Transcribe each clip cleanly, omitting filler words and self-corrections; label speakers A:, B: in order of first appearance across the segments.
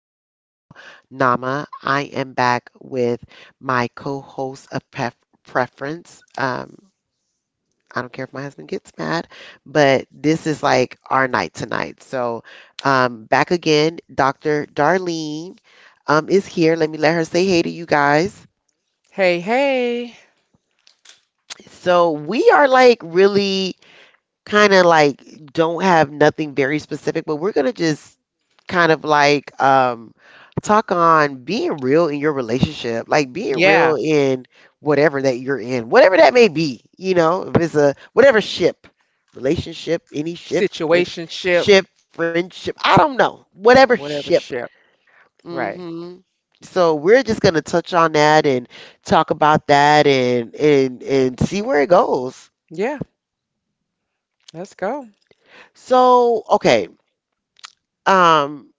A: is your girl, Nama. I am back with my co host of preference. I don't care if my husband gets mad, but this is like our night tonight. So, back again, Dr. Darlene is here. Let me let her say hey to you guys.
B: Hey, hey.
A: So, we are like really kind of like don't have nothing very specific, but we're going to just kind of like talk on being real in your relationship, like being real
B: Yeah.
A: in whatever that you're in, whatever that may be, you know, if it's a whatever ship, relationship, any ship, friend,
B: Situationship,
A: ship, friendship, I don't know, whatever
B: whatever
A: ship.
B: ship. Right.
A: Mhm. So we're just going to touch on that and talk about that and see where it goes.
B: Yeah. Let's go.
A: So, okay. Um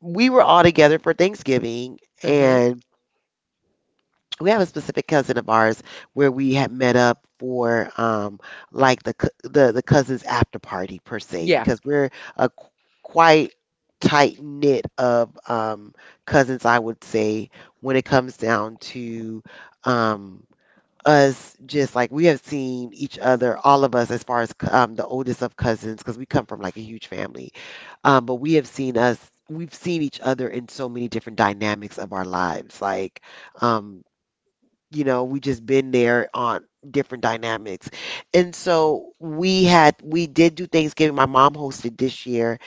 A: we were all together for Thanksgiving,
B: Mm-hmm.
A: and we have a specific cousin of ours where we had met up for like the the cousins after party per se because
B: Yeah.
A: we're a quite tight knit of cousins I would say when it comes down to um us just like we have seen each other, all of us, as far as the oldest of cousins, because we come from like a huge family. But we have seen us, we've seen each other in so many different dynamics of our lives. Like, um, you know, we just been there on different dynamics. And so we did do Thanksgiving. My mom hosted this year,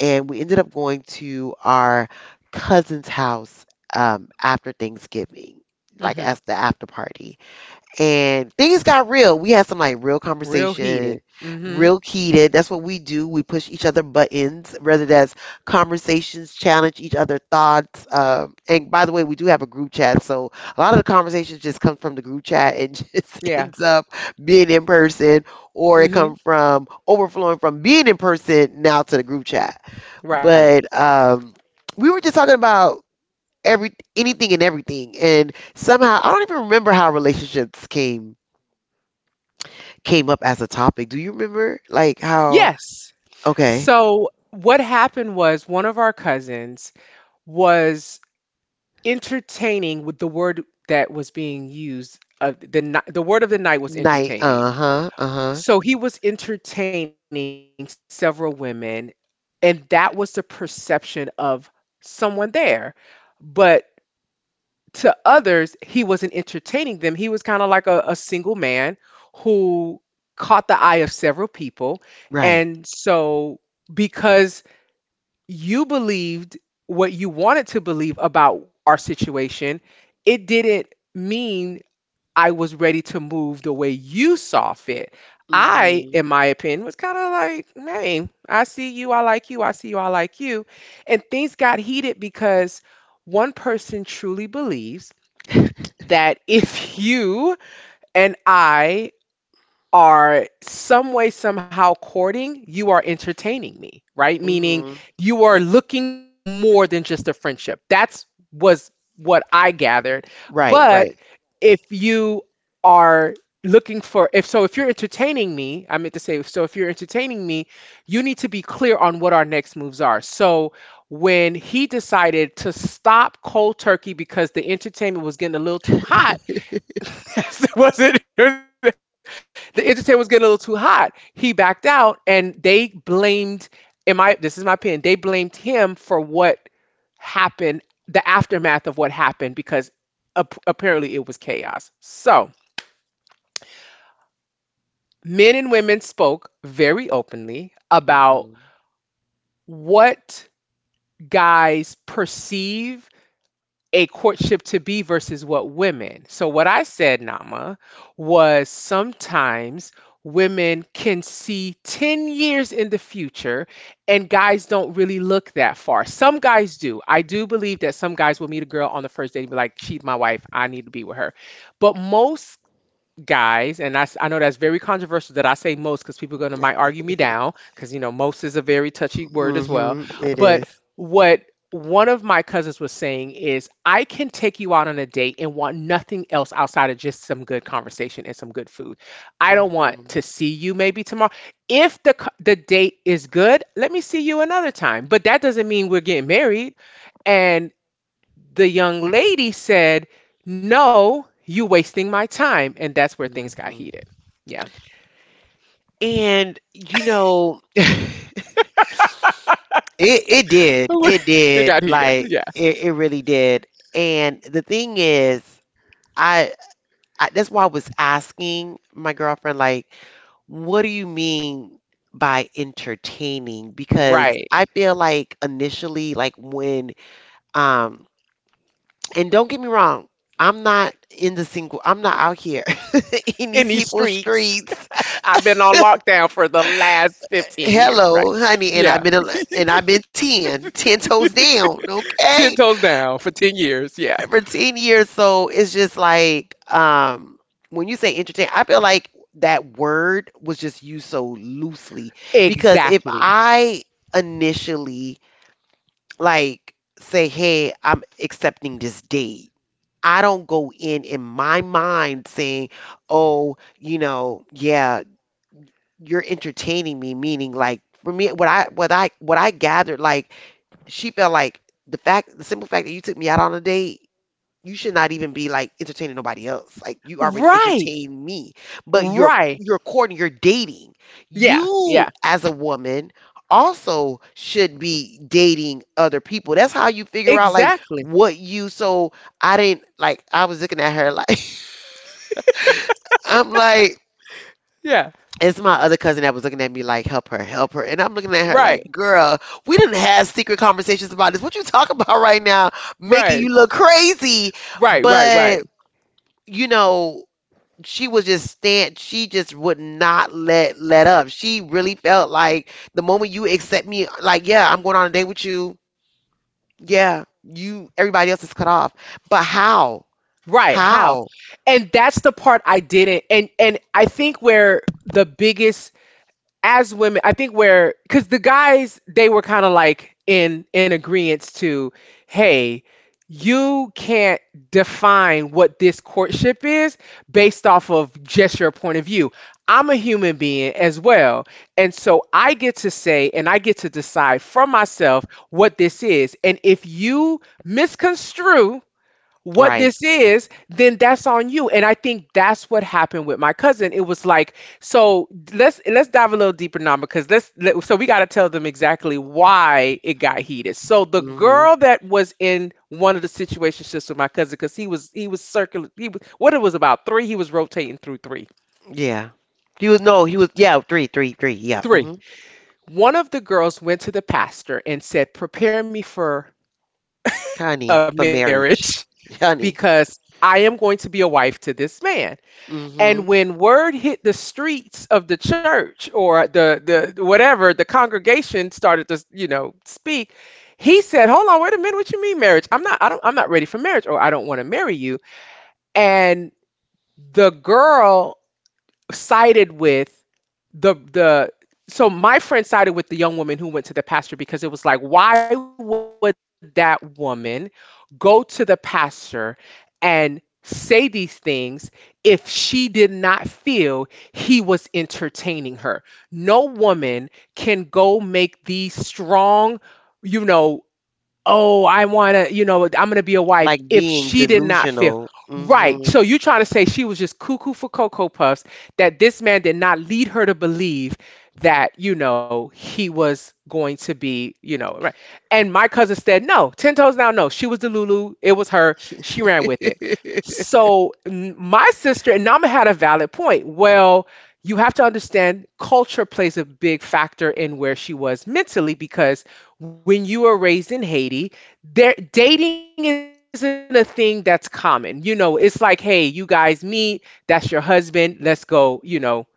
A: and we ended up going to our cousin's house after Thanksgiving, like as the
B: Mm-hmm.
A: after party and things got real. We had some like real
B: Real
A: conversation,
B: heated. Mm-hmm.
A: real heated. That's what we do. We push each other buttons, whether that's conversations, challenge each other thoughts. And by the way, we do have a group chat, so a lot of the conversations just come from the group chat and just
B: Yeah.
A: ends up being in person, or it
B: Mm-hmm.
A: come from overflowing from being in person now to the group chat.
B: Right.
A: But we were just talking about every anything and everything. And somehow I don't even remember how relationships came up as a topic. Do you remember? Like how
B: Yes.
A: okay.
B: So what happened was one of our cousins was entertaining with the word that was being used. The word of the night was
A: Night,
B: entertaining.
A: uh-huh, uh-huh.
B: So he was entertaining several women, and that was the perception of someone there. But to others, he wasn't entertaining them. He was kind of like a single man who caught the eye of several people.
A: Right.
B: And so, because you believed what you wanted to believe about our situation, it didn't mean I was ready to move the way you saw fit. I,
A: Mhm.
B: in my opinion, was kind of like, hey, I see you, I like you, I see you, I like you. And things got heated because one person truly believes that if you and I are some way, somehow courting, you are entertaining me, right? Meaning
A: Mhm.
B: you are looking for more than just a friendship. That's was what I gathered.
A: Right,
B: But
A: right.
B: if you are looking for if so if you're entertaining me I meant to say so if you're entertaining me, you need to be clear on what our next moves are. So when he decided to stop cold turkey because the entertainment was getting a little too hot. Yes, it wasn't. The entertainment was getting a little too hot. He backed out, and they blamed. In my, this is my opinion, they blamed him for what happened, the aftermath of what happened, because apparently it was chaos. So men and women spoke very openly about
A: Mhm.
B: what guys perceive a courtship to be versus what women. So, what I said, Nama, was sometimes women can see 10 years in the future and guys don't really look that far. Some guys do. I do believe that some guys will meet a girl on the first date and be like, she's my wife. I need to be with her. But most guys, and I know that's very controversial that I say most because people gonna might argue me down because you know most is a very touchy word as well.
A: Mhm. It
B: But
A: is.
B: what one of my cousins was saying is I can take you out on a date and want nothing else outside of just some good conversation and some good food. I don't want to
A: Mhm.
B: see you maybe tomorrow. If the date is good, let me see you another time. But that doesn't mean we're getting married. And the young lady said, "No, you wasting my time." And that's where things got
A: Mhm.
B: heated. Yeah.
A: And you know it did. It
B: It got
A: did.
B: heated.
A: Like
B: Yeah.
A: it really did. And the thing is, I that's why I was asking my girlfriend, like, what do you mean by entertaining? Because I
B: Right.
A: feel like initially, like when, um, and don't get me wrong, I'm not in the single, I'm not out here in
B: In
A: these
B: these
A: people's
B: streets.
A: streets.
B: I've been on lockdown for the last 15 years, right?
A: Hello, honey,
B: Yeah.
A: and I've been ten toes down,
B: 10
A: okay?
B: toes down for 10 years. Yeah.
A: For 10 years. So it's just like when you say entertain, I feel like that word was just used so loosely because if
B: Exactly.
A: I initially like say, "Hey, I'm accepting this date." I don't go in my mind saying, "Oh, you know, yeah, you're entertaining me," meaning like for me what I gathered like she felt like the simple fact that you took me out on a date you should not even be like entertaining nobody else. Like you already
B: Right.
A: entertain me, but you're
B: Right.
A: you're courting, you're dating.
B: Yeah.
A: You
B: Yeah.
A: as a woman also should be dating other people. That's how you figure out like
B: Exactly.
A: what you. So I didn't like. I was looking at her like I'm like.
B: Yeah.
A: It's my other cousin that was looking at me like, help her, help her. And I'm looking at her
B: Right.
A: like, girl, we didn't have secret conversations about this. What you talking about right now? Making
B: Right.
A: you look crazy.
B: Right. Right. Right.
A: But, you know, she just would not let up. She really felt like the moment you accept me, like, yeah, I'm going on a date with you, yeah, you, everybody else is cut off. But how
B: Right, how?
A: how
B: And that's the part I didn't, and I think where the biggest, as women, I think where cuz the guys they were kind of like in agreement to, "Hey, you can't define what this courtship is based off of just your point of view. I'm a human being as well. And so I get to say and I get to decide for myself what this is. And if you misconstrue what
A: right.
B: this is, then that's on you." And I think that's what happened with my cousin. It was like, so let's dive a little deeper now because so we got to tell them exactly why it got heated. So the
A: Hmm,
B: girl that was in one of the situationships with my cousin, because he was circular, he was what it was about three. He was rotating through three,
A: yeah. he was no he was yeah Three, three, three, yeah.
B: three.
A: Hmm,
B: One of the girls went to the pastor and said, "Prepare me for a
A: honey, for
B: marriage
A: marriage. Honey.
B: because I am going to be a wife to this man." And
A: Hmm.
B: when word hit the streets of the church or the whatever, the congregation started to, you know, speak. He said, "Hold on, wait a minute. What you mean marriage? I'm not ready for marriage or I don't want to marry you." And the girl sided with the so my friend sided with the young woman who went to the pastor because it was like, why would that woman go to the pastor and say these things if she did not feel he was entertaining her? No woman can go make these strong, you know, oh, I want to, you know, I'm going to be a wife,
A: Like
B: if
A: being
B: she did not feel.
A: delusional.
B: Right.
A: Hmm.
B: So you trying to say she was just cuckoo for Cocoa Puffs, that this man did not lead her to believe that, you know, he was going to be, you know, right. And my cousin said, no, 10 toes down, no. She was the Lulu. It was her. She ran with it. So my sister, and Nama, had a valid point. Well, you have to understand culture plays a big factor in where she was mentally because when you are raised in Haiti, there dating isn't a thing that's common. You know, it's like, hey, you guys meet, that's your husband, let's go, you know,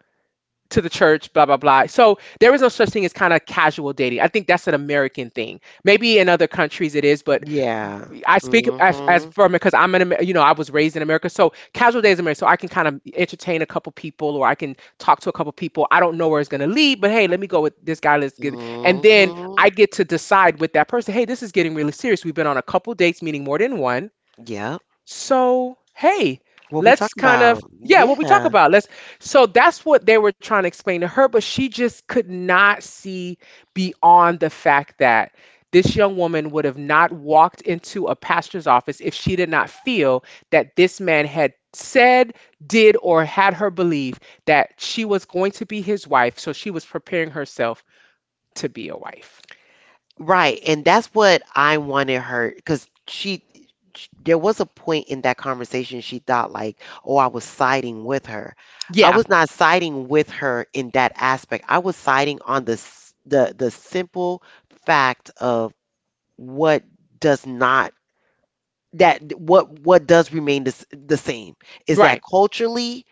B: to the church, blah blah blah. So there is no such thing as kind of casual dating. I think that's an American thing. Maybe in other countries it is, but
A: Yeah.
B: I speak as, from
A: Hmm.
B: because I'm in, you know, I was raised in America, so casual days in America, so I can kind of entertain a couple people or I can talk to a couple people. I don't know where it's gonna lead, but hey, let me go with this guy. Let's get, and then
A: Hmm.
B: I get to decide with that person. Hey, this is getting really serious. We've been on a couple dates, meaning more than one.
A: Yep.
B: So, hey,
A: What we
B: let's
A: talking
B: kind of,
A: about?
B: yeah, what we talk
A: Yeah.
B: about. Let's, so that's what they were trying to explain to her, but she just could not see beyond the fact that this young woman would have not walked into a pastor's office if she did not feel that this man had said, did, or had her believe that she was going to be his wife. So she was preparing herself to be a wife.
A: Right. And that's what I wanted her because she, sh there was a point in that conversation she thought like, oh, I was siding with her. I
B: Yeah,
A: was not siding with her in that aspect. I was siding on the the simple fact of what does not that what does remain the same is that
B: right,
A: culturally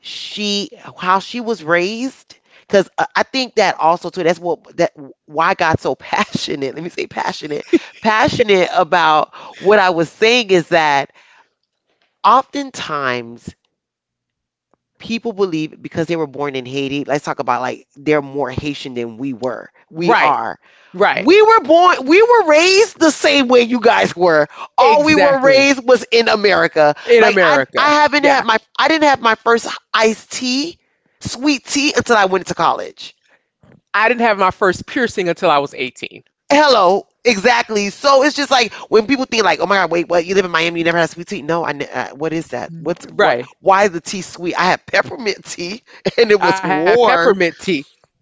A: she how she was raised. Because I think that also too, that's what that, why I got so passionate let me say passionate passionate about what I was saying is that oftentimes people believe because they were born in Haiti. Let's talk about, like, they're more Haitian than we
B: right,
A: are.
B: right.
A: We were born, we were raised the same way you guys were. All we were
B: Exactly.
A: raised was in America.
B: In
A: Like
B: America.
A: I haven't
B: Yeah.
A: had my, I didn't have my first iced tea, sweet tea until I went to college.
B: I didn't have my first piercing until I was 18.
A: Hello, exactly. So it's just like when people think like, oh my God, wait, what? You live in Miami, you never had sweet tea? No, I. ne- what is that?
B: Mm.
A: What's what?
B: Right.
A: Why is the tea sweet? I had peppermint tea
B: I
A: and
B: had
A: it was
B: peppermint tea.
A: warm.
B: Hmm.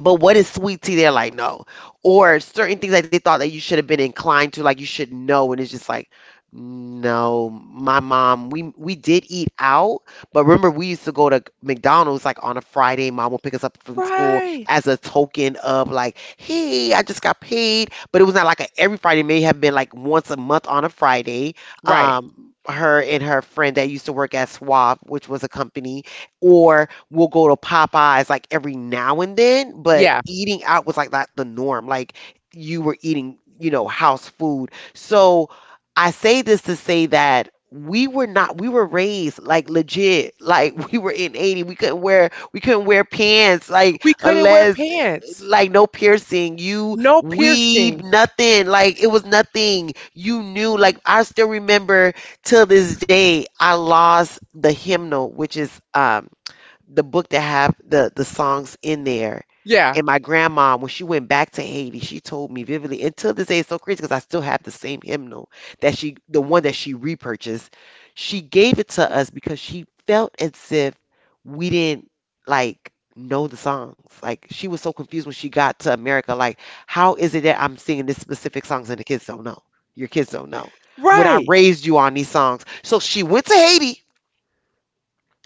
A: But what is sweet tea? They're like, no. Or certain things that they thought that you should have been inclined to, like you should know. And it's just like, no, my mom, we did eat out, but remember we used to go to McDonald's like on a Friday. Mom would pick us up from school
B: Right.
A: as a token of like, hey, I just got paid. But it was not like every Friday. It may have been like once a month on a Friday.
B: Right.
A: Her and her friend that used to work at Swab, which was a company, or we'll go to Popeyes like every now and then, but
B: Yeah.
A: eating out was like not the norm. Like you were eating, you know, house food. So I say this to say that we were not we were raised like legit, like we were in 80, we couldn't wear pants like
B: We couldn't wear
A: unless,
B: pants.
A: like, no piercing, you
B: No
A: weave,
B: piercing.
A: nothing like it was nothing you knew. Like I still remember till this day I lost the hymnal, which is the book that have the songs in there.
B: Yeah.
A: And my grandma, when she went back to Haiti, she told me vividly. Until this day, it's so crazy because I still have the same hymnal that the one that she repurchased. She gave it to us because she felt as if we didn't like know the songs. Like she was so confused when she got to America. Like, how is it that I'm singing this specific songs and the kids don't know? Your kids don't know. When I
B: Right.
A: raised you on these songs, so she went to Haiti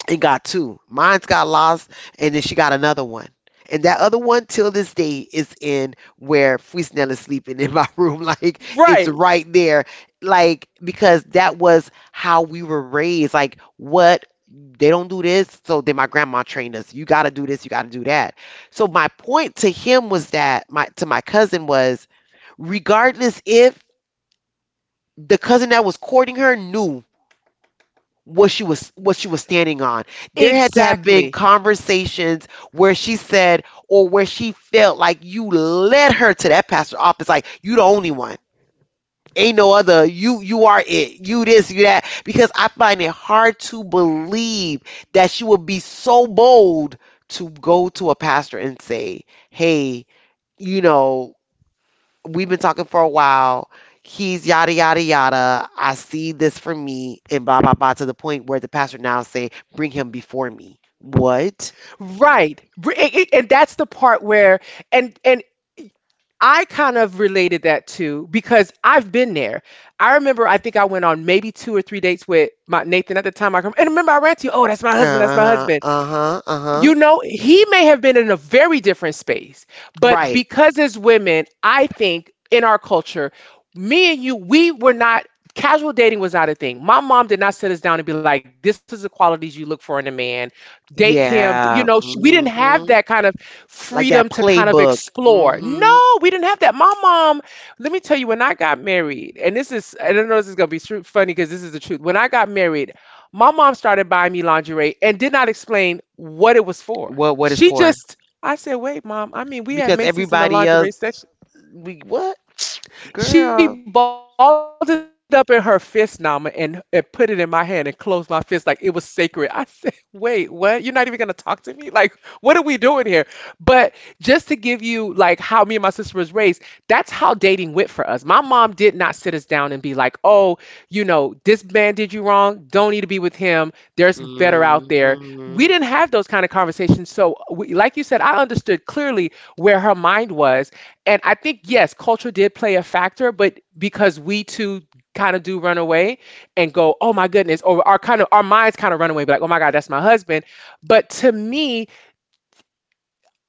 A: and got two. Mine's got lost, and then she got another one. And that other one, till this day, is in where Fusnell is sleeping in my room. Like, it's
B: Right.
A: right there. Like, because that was how we were raised. Like, what? They don't do this. So then my grandma trained us. You got to do this. You got to do that. So my point to him was that, my to my cousin was, regardless if the cousin that was courting her knew what she was standing on, there had to have been
B: Exactly.
A: conversations where she said or where she felt like you led her to that pastor's office, like you the only one. Ain't no other, you are it. You this, you that. Because I find it hard to believe that she would be so bold to go to a pastor and say, "Hey, you know, we've been talking for a while. He's yada yada yada. I see this for me and blah blah blah," to the point where the pastor now say, bring him before me. What?
B: Right. Br- And that's the part where, and I kind of related that to because I've been there. I remember I think I went on maybe two or three dates with my Nathan at the time I come and remember I ran to you, oh that's my husband, that's my
A: Uh-huh.
B: husband.
A: Uh-huh. Uh-huh.
B: You know, he may have been in a very different space, but
A: Right.
B: because as women, I think in our culture, me and you, we were not, casual dating was not a thing. My mom did not sit us down and be like, "This is the qualities you look for in a man. Date him." You know,
A: Yeah.
B: she, we didn't have
A: Hmm.
B: that kind of
A: Like that
B: freedom to kind of
A: playbook.
B: explore.
A: Hmm.
B: No, we didn't have that. My mom, let me tell you, when I got married, and this is, I don't know, if this is gonna be true, funny because this is the truth. When I got married, my mom started buying me lingerie and did not explain what it was for.
A: What is
B: She
A: for?
B: just, I said, wait, mom, I mean, we had
A: Because
B: Macy's in the
A: everybody else,
B: lingerie section.
A: we what?
B: She
A: Girl.
B: balled it up in her fist, Nama, and put it in my hand and closed my fist like it was sacred. I said, wait, what? You're not even going to talk to me? Like, what are we doing here? But just to give you, like, how me and my sister was raised, that's how dating went for us. My mom did not sit us down and be like, oh, you know, this man did you wrong. Don't need to be with him. There's better out there. We didn't
A: Hmm.
B: have those kind of conversations. So, we, like you said, I understood clearly where her mind was and I think, yes, culture did play a factor, but because we too kind of do run away and go, oh my goodness, or our kind of our minds kind of run away, be like, oh my God, that's my husband. But to me,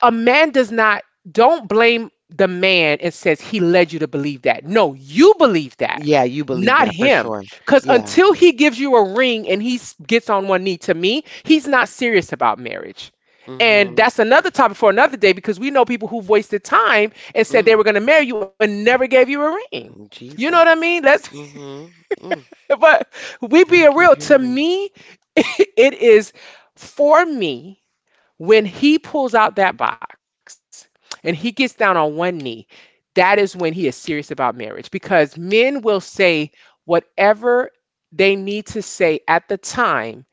B: a man does not don't blame the man and says he led you to believe that. No, you believe that,
A: Yeah, you believe
B: not
A: that for
B: him,
A: sure.
B: because
A: Yeah.
B: until he gives you a ring and he gets on one knee, to me he's not serious about marriage. And
A: Hmm.
B: that's another topic for another day, because we know people who've wasted time and said they were going to marry you and never gave you a ring. You know what I mean.
A: Jesus.
B: Let's
A: Mm hmm. Mm,
B: But we
A: never
B: being real,
A: gave you
B: to
A: a ring.
B: me, it is. For me, when he pulls out that box and he gets down on one knee, that is when he is serious about marriage, because men will say whatever they need to say at the time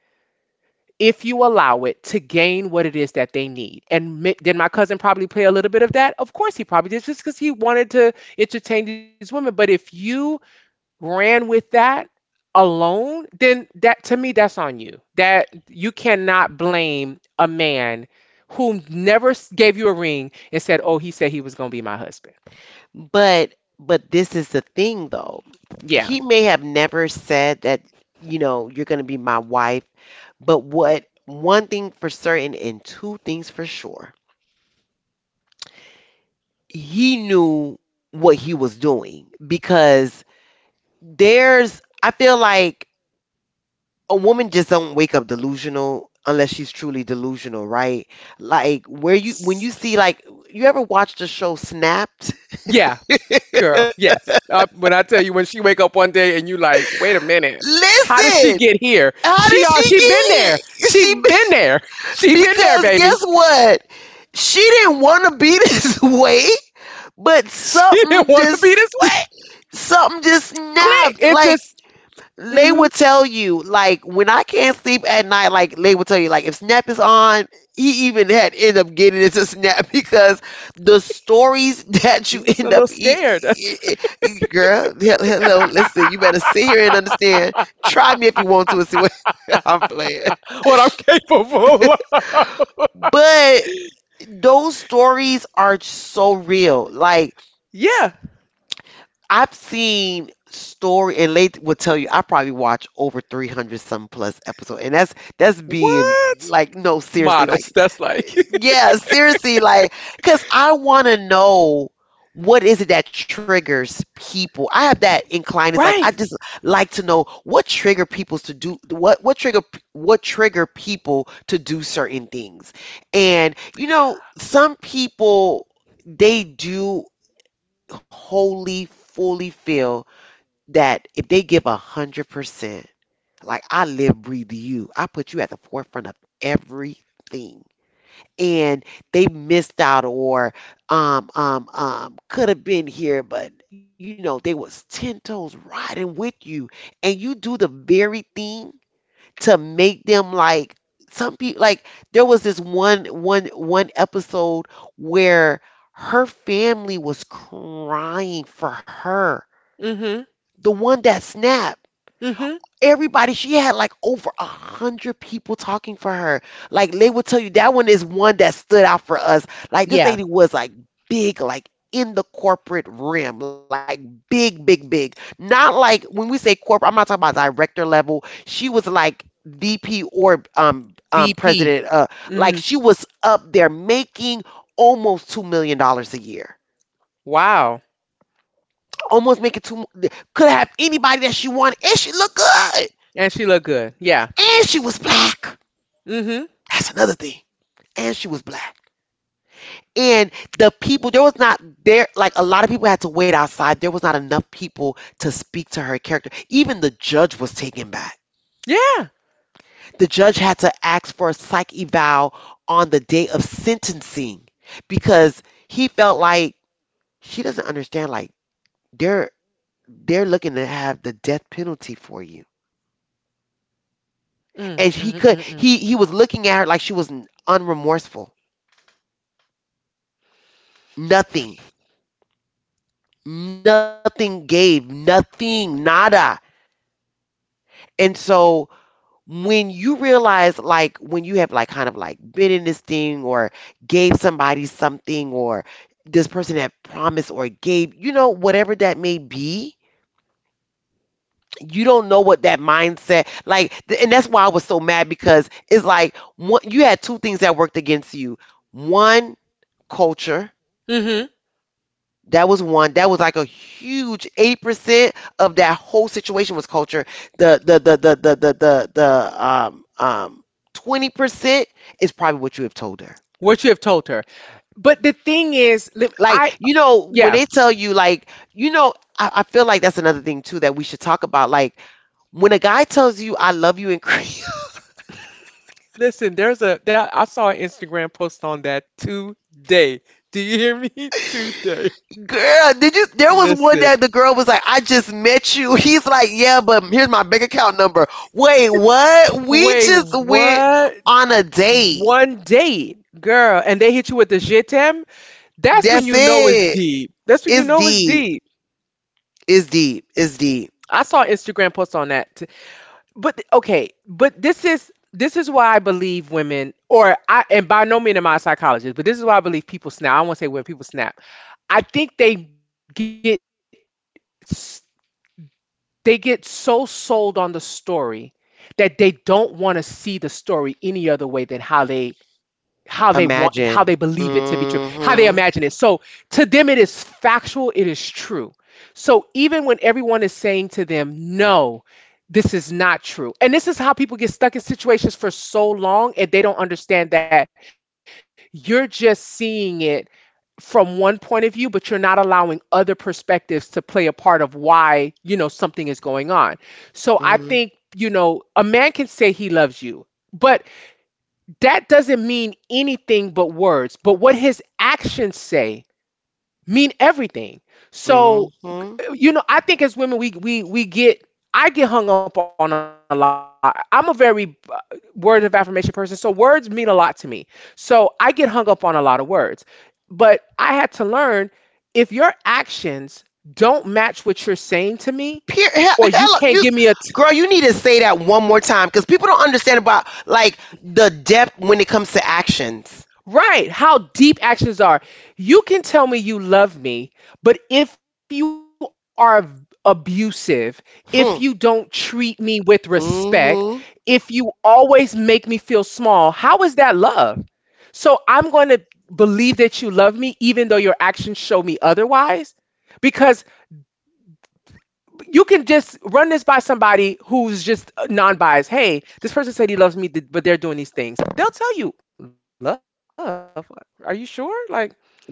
B: if you allow it to gain what it is that they need. And did my cousin probably play a little bit of that? Of course, he probably did, just because he wanted to entertain these women. But if you ran with that alone, then, that to me, that's on you. That you cannot blame a man who never gave you a ring and said, "Oh, he said he was going to be my husband."
A: But but this is the thing though. He
B: Yeah.
A: may have never said that, you know, you're going to be my wife, but what, one thing for certain and two things for sure. He knew what he was doing because there's I feel like a woman just don't wake up delusional unless she's truly delusional, right? Like where you when you
B: S-
A: see like you ever watched the show Snapped?
B: Yeah. Girl, yes. When I tell you, when she wake up one day and you like, wait a minute, how did she
A: Listen,
B: get here?
A: how
B: She
A: did
B: all
A: she
B: she been
A: get
B: there.
A: here?
B: She been
A: She,
B: there. She been
A: because
B: there,
A: guess
B: baby.
A: what? She didn't want to be this way, but
B: She didn't want to be this way.
A: something just
B: Click.
A: snapped.
B: It's
A: Like,
B: just,
A: they
B: hmm
A: would tell you, like, when I can't sleep at night, like, they would tell you, like, if Snap is on, he even had end up getting into Snap because the stories that you
B: he was
A: end
B: a
A: up,
B: little scared. That's.
A: girl, hello, listen, you better sit here and understand. Try me if you want to and see what. I'm playing.
B: What I'm capable of.
A: But those stories are so real. Like,
B: Yeah.
A: I've seen story, and Late will tell you I probably watch over 300 some plus episode, and that's being
B: What?
A: like, no, seriously, like,
B: Modest. That's like.
A: yeah, seriously, like, because I want to know what is it that triggers people. I have that incline. It's like I
B: Right.
A: just like to know what trigger people's to do what trigger people to do certain things. And you know, some people, they do wholly fully feel that if they give 100%, like I live, breathe you, I put you at the forefront of everything. And they missed out or could have been here, but you know, they was ten toes riding with you and you do the very thing to make them like. Some people, like, there was this one episode where her family was crying for her.
B: Mm-hmm.
A: The one that snapped,
B: Mm-hmm.
A: everybody, she had like over a hundred people talking for her. Like, they would tell you that one is one that stood out for us. Like, this lady
B: Yeah.
A: was like big, like, in the corporate rim, like big big big, not like when we say corporate. I'm not talking about director level. She was like VP, or
B: VP. Mm-hmm.
A: president, uh, like she was up there making almost $2 million a year,
B: Wow.
A: almost making two, could have anybody that she wanted, and she looked good,
B: And she looked good. Yeah.
A: and she was black.
B: Mm-hmm.
A: That's another thing. And she was black. And the people, there was not there, like, a lot of people had to wait outside. There was not enough people to speak to her character. Even the judge was taken back.
B: Yeah.
A: The judge had to ask for a psych eval on the day of sentencing because he felt like she doesn't understand, like, they're. they're looking to have the death penalty for you. And
B: Mm,
A: he
B: mm,
A: could
B: mm, mm.
A: he was looking at her like she was unremorseful. Nothing. Nothing gave. Nothing. Nada. And so, when you realize, like, when you have like kind of like been in this thing, or gave somebody something, or this person had promised or gave, you know, whatever that may be, you don't know what that mindset like. And that's why I was so mad, because it's like one, you had two things that worked against you. One, culture.
B: Mm-hmm.
A: That was one. That was like a huge 80% of that whole situation was culture. The 20% is probably what you have told her.
B: What you have told her. But the thing is,
A: Like,
B: I.
A: you know, when
B: Yeah.
A: they tell you, like, you know, I feel like that's another thing too that we should talk about. Like, when a guy tells you I love you in Korean.
B: Listen, there's a that I saw an Instagram post on that today. Do you hear me? Today.
A: Girl, did you, there was one
B: Listen.
A: that the girl was like, I just met you. He's like, yeah, but here's my bank account number. Wait, what? We
B: Wait,
A: just went
B: what?
A: on a date.
B: One date, girl, and they hit you with the je t'aime, that's when
A: That's
B: you know it's
A: it.
B: deep. That's when you
A: It's
B: know it's
A: deep.
B: deep.
A: It's deep. It's deep.
B: I saw an Instagram post on that. But okay, but this is why I believe women, or I, and by no means am I a psychologist, but this is why I believe people snap. I won't say when people snap. I think they get s- so sold on the story that they don't want to see the story any other way than how they want, how they
A: Imagine.
B: believe it to be true, how they imagine
A: Mhm.
B: it. So to them, it is factual, it is true. So even when everyone is saying to them no, this is not true. And this is how people get stuck in situations for so long, and they don't understand that you're just seeing it from one point of view, but you're not allowing other perspectives to play a part of why, you know, something is going on. So I
A: Mhm.
B: think, a man can say he loves you, but that doesn't mean anything but words. But what his actions say mean everything. So,
A: Mhm.
B: I think as women we get I get hung up on a lot. I'm a very word of affirmation person, so words mean a lot to me. So, I get hung up on a lot of words. But I had to learn, if your actions don't match what you're saying to me, or you can't
A: Hello,
B: give me a.
A: you girl. You need to say that one more time because people don't understand about like the depth when it comes to actions.
B: Right. How deep actions are. You can tell me you love me, but if you are abusive, if you don't
A: Hmm.
B: treat me with respect,
A: Mhm.
B: if you always make me feel small, how is that love? So I'm going to believe that you love me, even though your actions show me otherwise. Because you can just run this by somebody who's just non biased. Hey, this person said he loves me, but they're doing these things. They'll tell you, love, are you sure? Like,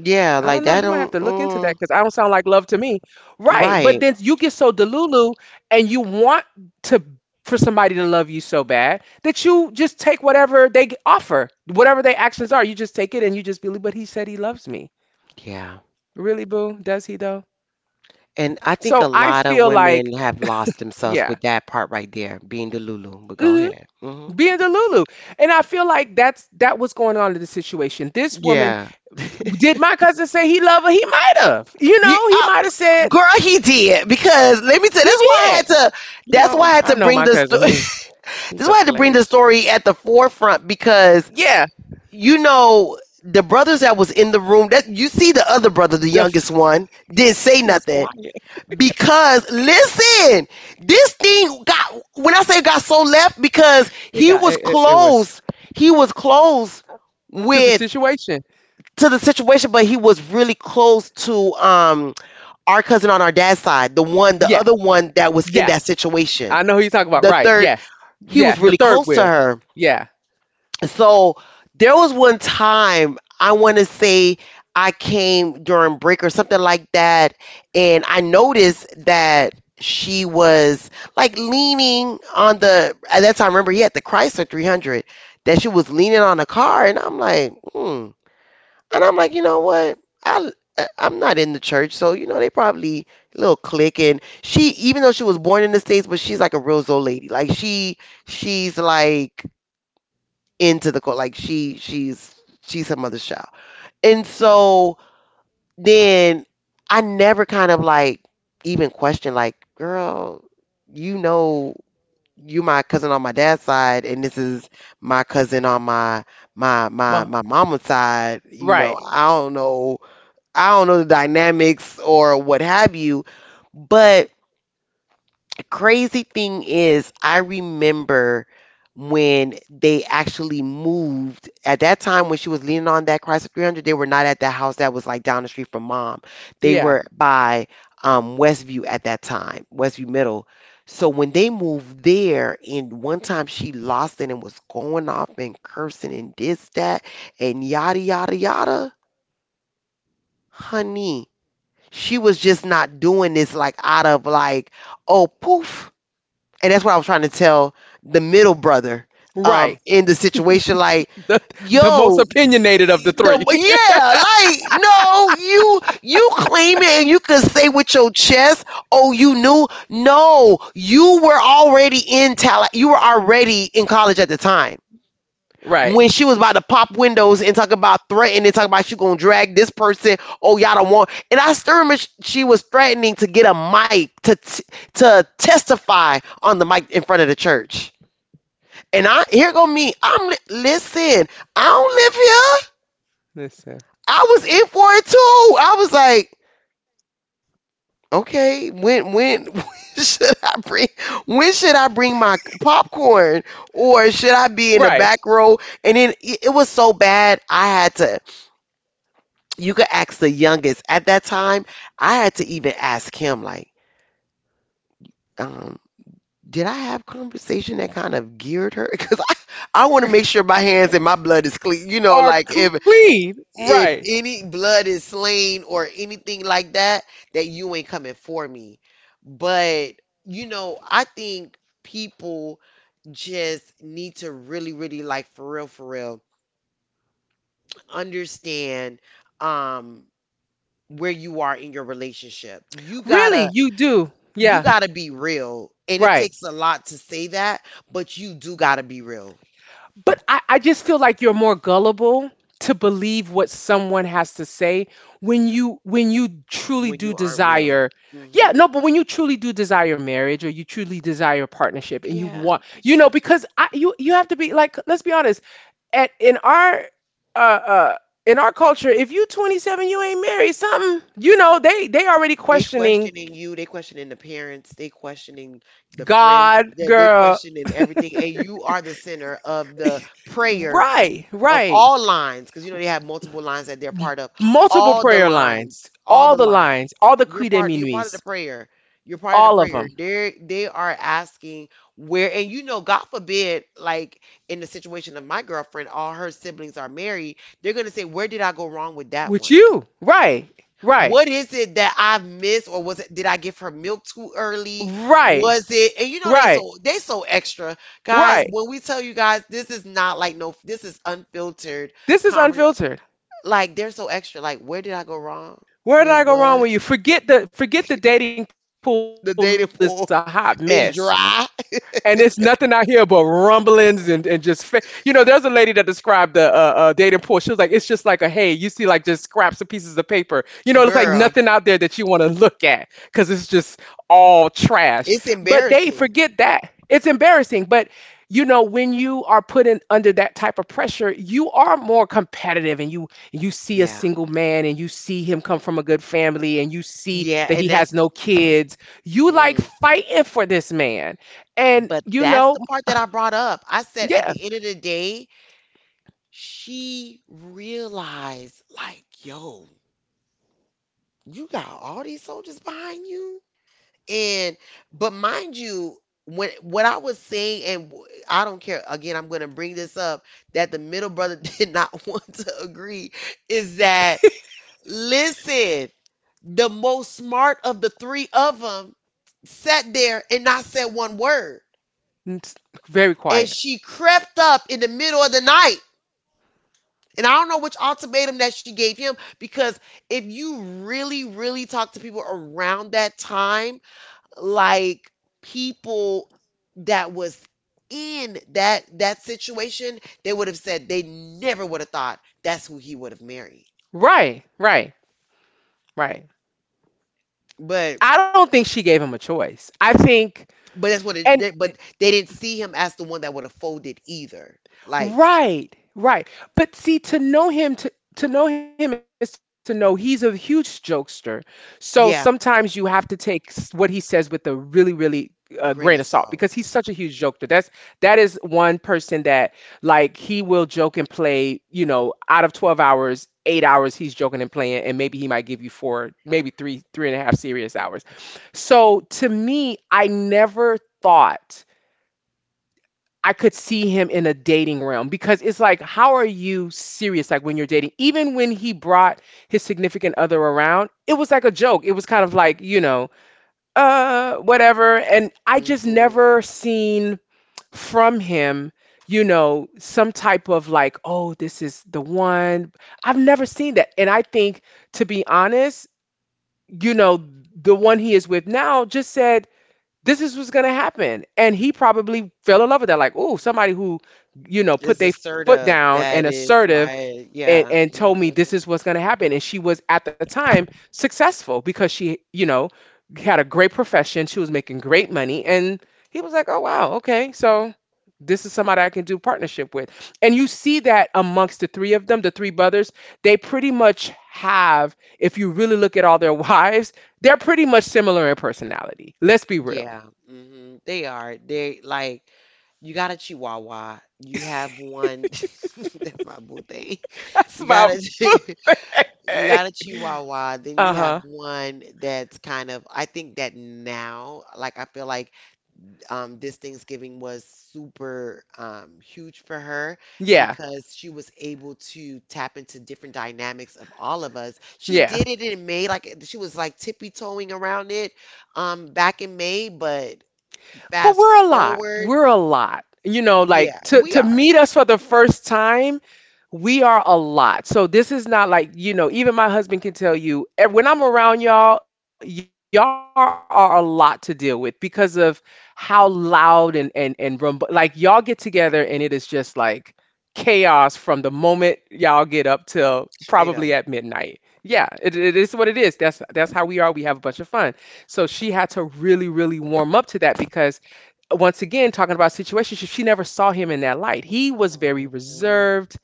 B: I don't know. You might
A: like
B: have to
A: that.
B: look into that because I
A: Mm,
B: don't sound like love to me. Right. But then
A: right.
B: you get so delulu and you want to for somebody to love you so bad that you just take whatever they offer, whatever their actions are. You just take it and you just believe, but he said he loves me.
A: Yeah.
B: Really, boo? Does he though?
A: And I think
B: So
A: a
B: I
A: lot of
B: feel like,
A: women have lost themselves
B: yeah.
A: with that part right there, being the Lulu. But go
B: hmm
A: ahead. Mhm.
B: Being delulu. And I feel like that was going on in the situation. This woman.
A: Yeah.
B: Did my cousin say he loved her? He might have.
A: Yeah.
B: He might have said
A: Girl, he did, because let me tell.
B: he
A: That's why I
B: did.
A: had to. That's why I had
B: I
A: to
B: know
A: bring
B: my
A: the.
B: cousin. He
A: That's why
B: he's
A: I had
B: a
A: to bring the
B: player. So.
A: story at the forefront because,
B: Yeah,
A: you know, the brothers that was in the room. That you see the other brother, the
B: def-
A: youngest one, didn't say
B: he was
A: nothing
B: quiet.
A: because, listen, this thing got. When I say got so left, because he
B: It got
A: was
B: it, it, it was
A: close. He was close
B: to the
A: with,
B: situation.
A: to the situation, but he was really close to um, our cousin on our dad's side, the one, the
B: Yeah,
A: other one that was in
B: yeah.
A: that situation.
B: I know who you're talking about.
A: The
B: Right.
A: third,
B: Yes.
A: he was
B: Yes. The
A: really
B: third
A: close to
B: wheel.
A: her.
B: Yeah.
A: So there was one time, I want to say I came during break or something like that, and I noticed that she was like leaning on the, at that time, I remember he had the Chrysler 300, that she was leaning on the car, and I'm like, hmm. And I'm like, you know what? I I am not in the church, so you know they probably little clique. And she, even though she was born in the States, but she's like a real Zoe lady. Like she's like into the cult. Like she's her mother's child. And so then I never kind of like even questioned, like, girl, you know, you my cousin on my dad's side, and this is my cousin on my
B: Ma-
A: mama's side. You know,
B: right.
A: I don't know, I don't know the dynamics or what have you, but the crazy thing is, I remember when they actually moved at that time when she was leaning on that Chrysler 300, they were not at the house that was like down the street from mom. They
B: Yeah.
A: were by Westview at that time, Westview Middle. So when they moved there, and one time she lost it and was going off and cursing and this, that, and yada, yada, yada, honey, she was just not doing this like out of like, oh, poof. And that's what I was trying to tell the middle brother, um,
B: Right.
A: in the situation, like,
B: The the most
A: yo,
B: opinionated of the
A: the
B: three.
A: yeah, like, no, you claim it and you could say with your chest, oh, you knew, no, you were already in talent, you were already in college at the time
B: Right.
A: when she was about to pop windows and talk about threatening, and talk about she gonna drag this person. Oh, y'all don't want. And I still remember she was threatening to get a mic to to testify on the mic in front of the church. And I here go me. Listen. I don't live here.
B: Listen.
A: I was in for it too. I was like, okay, when. When should I bring, when should I bring my popcorn, or should I
B: Right.
A: be in the back row? And then it was so bad I had to, you could ask the youngest at that time, I had to even ask him, like, um, did I have conversation that kind of geared her because I want to make sure my hands and my blood is clean, you know, like,
B: Are
A: if
B: clean.
A: if
B: Right.
A: any blood is slain or anything like that, that you ain't coming for me. But, you know, I think people just need to really, like, for real for real, understand, um, where you are in your relationship. You
B: Really,
A: gotta,
B: you do.
A: you
B: Yeah.
A: gotta be real. And it
B: Right.
A: takes a lot to say that, but you do gotta be real
B: But I just feel like you're more gullible to believe what someone has to say when you truly
A: when
B: do
A: you aren't real.
B: desire. Yeah,
A: Hmm.
B: no, but when you truly do desire marriage, or you truly desire partnership and you
A: Yeah,
B: want,
A: that's
B: you know,
A: true too.
B: because I, you have to be like, let's be honest, at uh uh in our culture, if you 27, you ain't married, something, you know, they already
A: They
B: questioning.
A: questioning you, they questioning the parents, they questioning the friends,
B: God,
A: that they
B: girl.
A: questioning everything, and you are the center of the prayer
B: Right,
A: of
B: right.
A: all lines, because you know they have multiple lines that they're part of.
B: Multiple
A: All the
B: prayer
A: lines, all the lines.
B: lines, all the
A: You're
B: Creed de
A: part. You're part of the
B: Minuits,
A: prayer. You're part of the
B: all of
A: prayer.
B: them
A: They are asking where, and, you know, God forbid, like, in the situation of my girlfriend, all her siblings are married. They're gonna say, where did I go wrong with that
B: with
A: one?
B: you. Right, right,
A: What is it that I missed, or was it, did I give her milk too early?
B: right,
A: Was it, and you know they
B: right,
A: so, they so extra. Guys,
B: right.
A: when we tell you guys this is not like, no, this is unfiltered
B: This is
A: conversation.
B: unfiltered.
A: Like, they're so extra. Like, where did I go wrong?
B: Where did
A: Wait,
B: I go wrong
A: what?
B: with you? Forget the, dating pool is a hot
A: The dating
B: mess.
A: pool is
B: And it's nothing
A: dry.
B: out here but rumblings, and just you know, there's a lady that described the dating pool. She was like, it's just like a hay, you see, like just scraps of pieces of paper, you know, it's like nothing out there that you
A: Girl,
B: want to look at because it's just all trash. But
A: it's
B: they forget that
A: embarrassing.
B: it's embarrassing, but when you are put in under that type of pressure, you are more competitive and you see a
A: Yeah.
B: single man and you see him come from a good family and you see
A: Yeah,
B: that
A: and
B: he has
A: that's
B: no kids. You
A: mm.
B: like fighting for this man. And
A: But that's the part that I brought up. I said at
B: yeah,
A: the end of the day, she realized like yo, you got all these soldiers behind you and but mind you, when what I was saying and w- I don't care, again, I'm going to bring this up that the middle brother did not want to agree is that listen, the most smart of the three of them sat there and not said one word,
B: it's very quiet.
A: and she crept up in the middle of the night. And I don't know which ultimatum that she gave him because if you really, really talk to people around that time, like people that was in that situation, they would have said they never would have thought that's who he would have married.
B: Right, right, right.
A: But
B: I don't think she gave him a choice. I think.
A: but that's what it.
B: And
A: But they didn't see him as the one that would have folded either. Like
B: Right, right. But see, to know him, to know him is to know he's a huge jokester. So sometimes you
A: yeah,
B: have to take what he says with a really, really grain of salt,
A: grain
B: because
A: of
B: he's such a
A: salt.
B: huge jokester. That is one person that, like, he will joke and play. You know, out of 12 hours, 8 hours he's joking and playing, and maybe he might give you four, maybe three, three and a half serious hours. So to me, I never thought. I could see him in a dating realm because it's like, how are you serious? Like when you're dating, even when he brought his significant other around, it was like a joke. It was kind of like, whatever. And I just
A: Hmm
B: never seen from him, some type of like, oh, this is the one. I've never seen that. And I think, to be honest, you know, the one he is with now just said, this is what's gonna happen. And he probably fell in love with that. Like, oh, somebody who, put
A: It's
B: their foot
A: assertive.
B: down
A: That
B: and
A: is
B: assertive
A: like
B: and,
A: yeah.
B: and told me
A: hmm
B: this is what's gonna happen. And she was at the time successful because she, had a great profession. She was making great money. And he was like, "Oh wow, okay. So this is somebody I can do partnership with." And you see that amongst the three of them, the three brothers, they pretty much have, if you really look at all their wives, they're pretty much similar in personality. Let's be real.
A: Yeah, hmm they are. They like you got a Chihuahua. You have one. That's my boo thing.
B: That's
A: You
B: my
A: got
B: boo
A: a you
B: thing.
A: got a Chihuahua. Then
B: Uh
A: you have
B: huh.
A: one that's kind of. I think that now, like I feel like this Thanksgiving was super huge for her
B: Yeah.
A: because she was able to tap into different dynamics of all of us. She
B: Yeah.
A: did it in May, like she was like tippy toeing around it back in May, but
B: But
A: fast
B: we're a lot.
A: forward,
B: We're a lot.
A: yeah,
B: Like, to
A: we
B: to
A: are
B: meet us for the first time, we are a lot. So this is not like, even my husband can tell you, "Eh, when I'm around y'all, y'all are a lot to deal with because of how loud and, like, y'all get together and it is just like chaos from the moment y'all get up till probably
A: straight
B: at
A: up.
B: midnight." Yeah, it is what it is. That's how we are. We have a bunch of fun. So she had to really, really warm up to that, because once again talking about situations she never saw him in that light, he was very
A: Mhm.
B: reserved.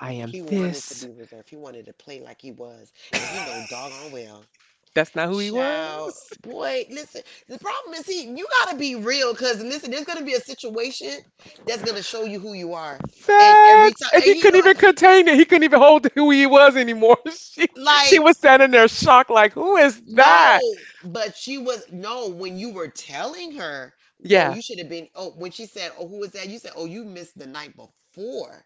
B: I
A: He
B: am
A: wanted to be
B: this.
A: reserved. He wanted to play like he was, and he know doggone well.
B: That's not who he
A: Child,
B: was.
A: boy, listen. The problem is, he you gotta be real, cause listen, there's gonna be a situation that's gonna show you who you are, and every
B: Facts.
A: time,
B: And
A: and
B: he couldn't even contain it, he couldn't even hold who he was anymore. She
A: like
B: was standing there shocked, like, who is that?
A: no, but she was no when you were telling her, oh,
B: Yeah,
A: you should have been. Oh, when she said, oh, who was that? You said, oh, you missed the night before.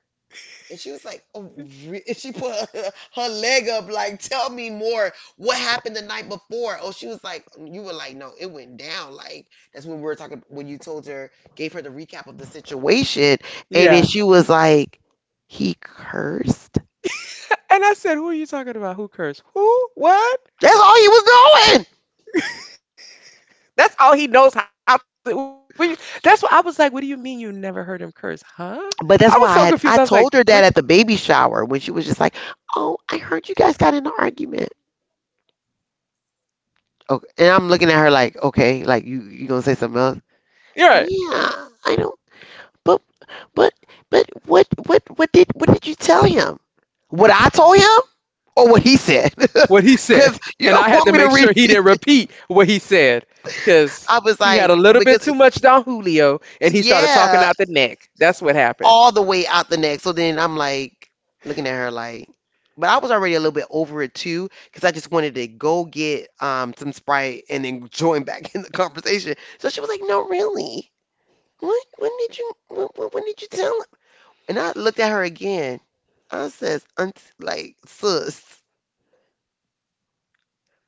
A: And she was like, oh, re-" and she put her, her leg up, like, tell me more. What happened the night before? Oh, she was like, you were like, no, it went down. Like, that's when we were talking, when you told her, gave her the recap of the situation. And then
B: yeah.
A: she was like, he cursed.
B: And I said, who are you talking about? Who cursed? Who? What?
A: That's all he was doing.
B: That's all he knows how to. That's what I was like. What do you mean you never heard him curse? Huh? I was so confused.
A: But
B: I was
A: that's why
B: like,
A: I had,
B: which?
A: I told her that at the baby shower when she was just like, oh, I heard you guys got in an argument. Okay. And I'm looking at her like, okay, like, you gonna say something else?
B: You're right.
A: Yeah, I know. But but but what did you tell him? What I told him or what he said?
B: What he said.
A: Cuz you
B: And I
A: don't
B: had
A: want
B: to
A: me to
B: make
A: read.
B: sure he didn't repeat what he said
A: I
B: because
A: was
B: he
A: like
B: had a little
A: because
B: bit too
A: it's
B: much Don Julio and he started talking
A: yeah,
B: out the neck. That's what happened.
A: all the way out the neck. So then I'm like looking at her like but I was already a little bit over it too cuz I just wanted to go get some Sprite and then join back in the conversation. So she was like, "No, really? What when did you tell? And I looked at her again. I says, Aunt, like, sus.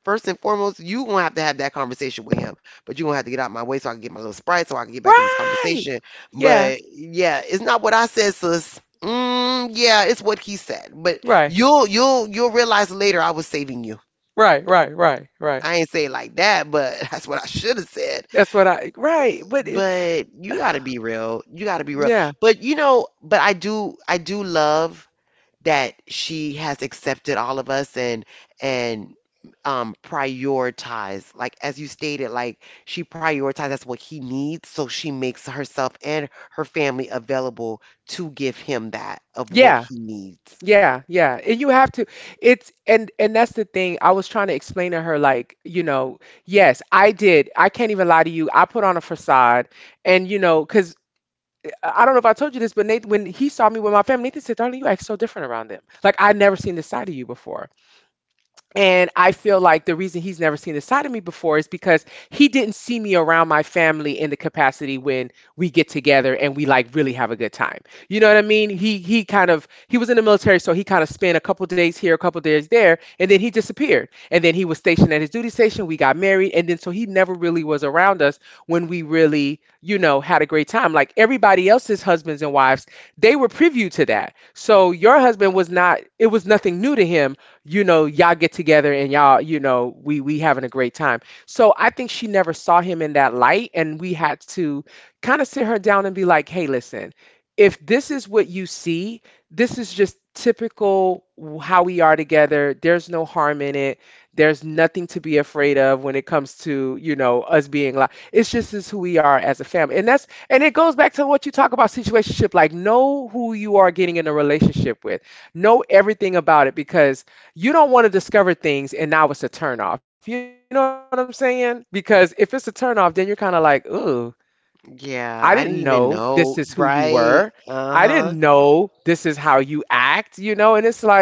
A: First and foremost, you gonna have to have that conversation with him. But you're gonna have to get out my way so I can get my little sprite so I can get back in this
B: Right.
A: conversation.
B: Yeah.
A: But yeah, it's not what I said, sis. Mm, yeah, it's what he said. But
B: Right.
A: you'll realize later I was saving you.
B: Right. Right. Right. Right.
A: I ain't say it like that, but that's what I should have said.
B: That's what I, right. But it,
A: But you gotta be real. You gotta be real.
B: yeah.
A: But you know, but I do love that she has accepted all of us and prioritize like as you stated, like she prioritizes what he needs, so she makes herself and her family available to give him that of what
B: Yeah.
A: he needs.
B: Yeah, yeah. And you have to it's and that's the thing. I was trying to explain to her like, yes, I did. I can't even lie to you. I put on a facade and because I don't know if I told you this, but Nathan, when he saw me with my family, Nathan said, "Darling, you act so different around them. Like I never seen this side of you before." And I feel like the reason he's never seen this side of me before is because he didn't see me around my family in the capacity when we get together and we like really have a good time. You know what I mean? He kind of he was in the military, so he kind of spent a couple days here, a couple days there, and then he disappeared. And then he was stationed at his duty station. We got married, and then so he never really was around us when we really, had a great time. Like everybody else's husbands and wives, they were privy to that. So your husband was not. It was nothing new to him. Y'all get together and y'all, we having a great time. So I think she never saw him in that light, and we had to kind of sit her down and be like, hey, listen, if this is what you see, this is just typical how we are together. There's no harm in it. There's nothing to be afraid of when it comes to, us being like, it's just is who we are as a family. And it goes back to what you talk about situationship, like know who you are getting in a relationship with. Know everything about it because you don't want to discover things and now it's a turnoff. You know what I'm saying? Because if it's a turnoff, then you're kind of like, ooh, I didn't
A: Yeah,
B: know
A: I didn't
B: this
A: even
B: is who you
A: know,
B: were.
A: right.
B: I didn't
A: Uh-huh.
B: know this is how you act, you know? And it's like,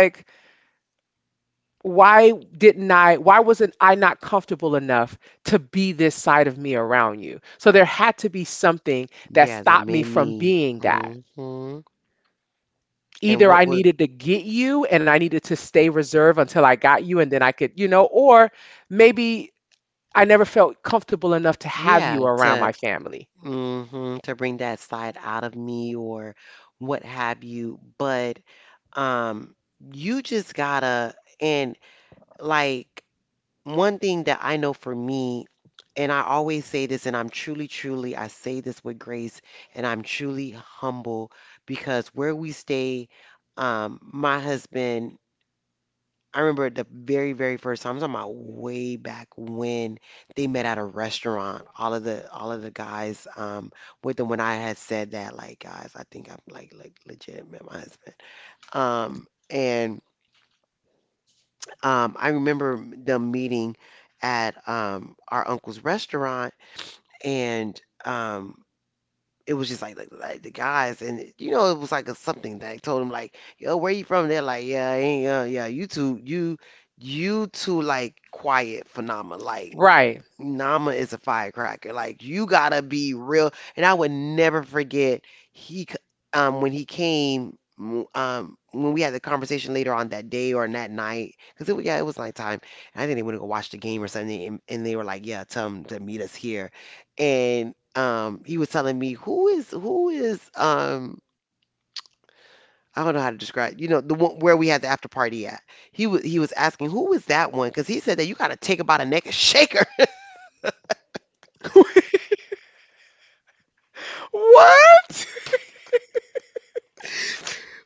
B: why wasn't I not comfortable enough to be this side of me around you? So there had to be something that
A: Yeah, that
B: stopped me
A: made
B: from
A: me.
B: being that.
A: Hmm and
B: Either
A: what
B: I
A: was?
B: needed to get you and I needed to stay reserved until I got you and then I could, you know, or maybe I never felt comfortable enough to have
A: Yeah
B: you around
A: to,
B: my family.
A: hmm to bring that side out of me or what have you. But um, you just gotta, and like one thing that I know for me, and I always say this, and I'm truly, truly, I say this with grace, and I'm truly humble because where we stay, my husband. I remember the very, very first time. I'm talking about way back when they met at a restaurant. All of the guys with them when I had said that, like, guys, I think I'm like legit met my husband. And I remember them meeting at our uncle's restaurant and um it was just like, the guys, and you know, it was like a something that told him like, yo, where you from? They're like, yeah, I ain't, yeah, you two, you two like quiet phenomena, like
B: Right.
A: Nama is a firecracker. Like you gotta be real. And I would never forget he c- when he came when we had the conversation later on that day or on that night because yeah, it was nighttime, and I think they went to go watch the game or something, and they were like yeah, tell him to meet us here, and he was telling me who is. I don't know how to describe, you know, the one where we had the after party at. He was asking who was that one because he said that you got to take him by the neck and shake.
B: What?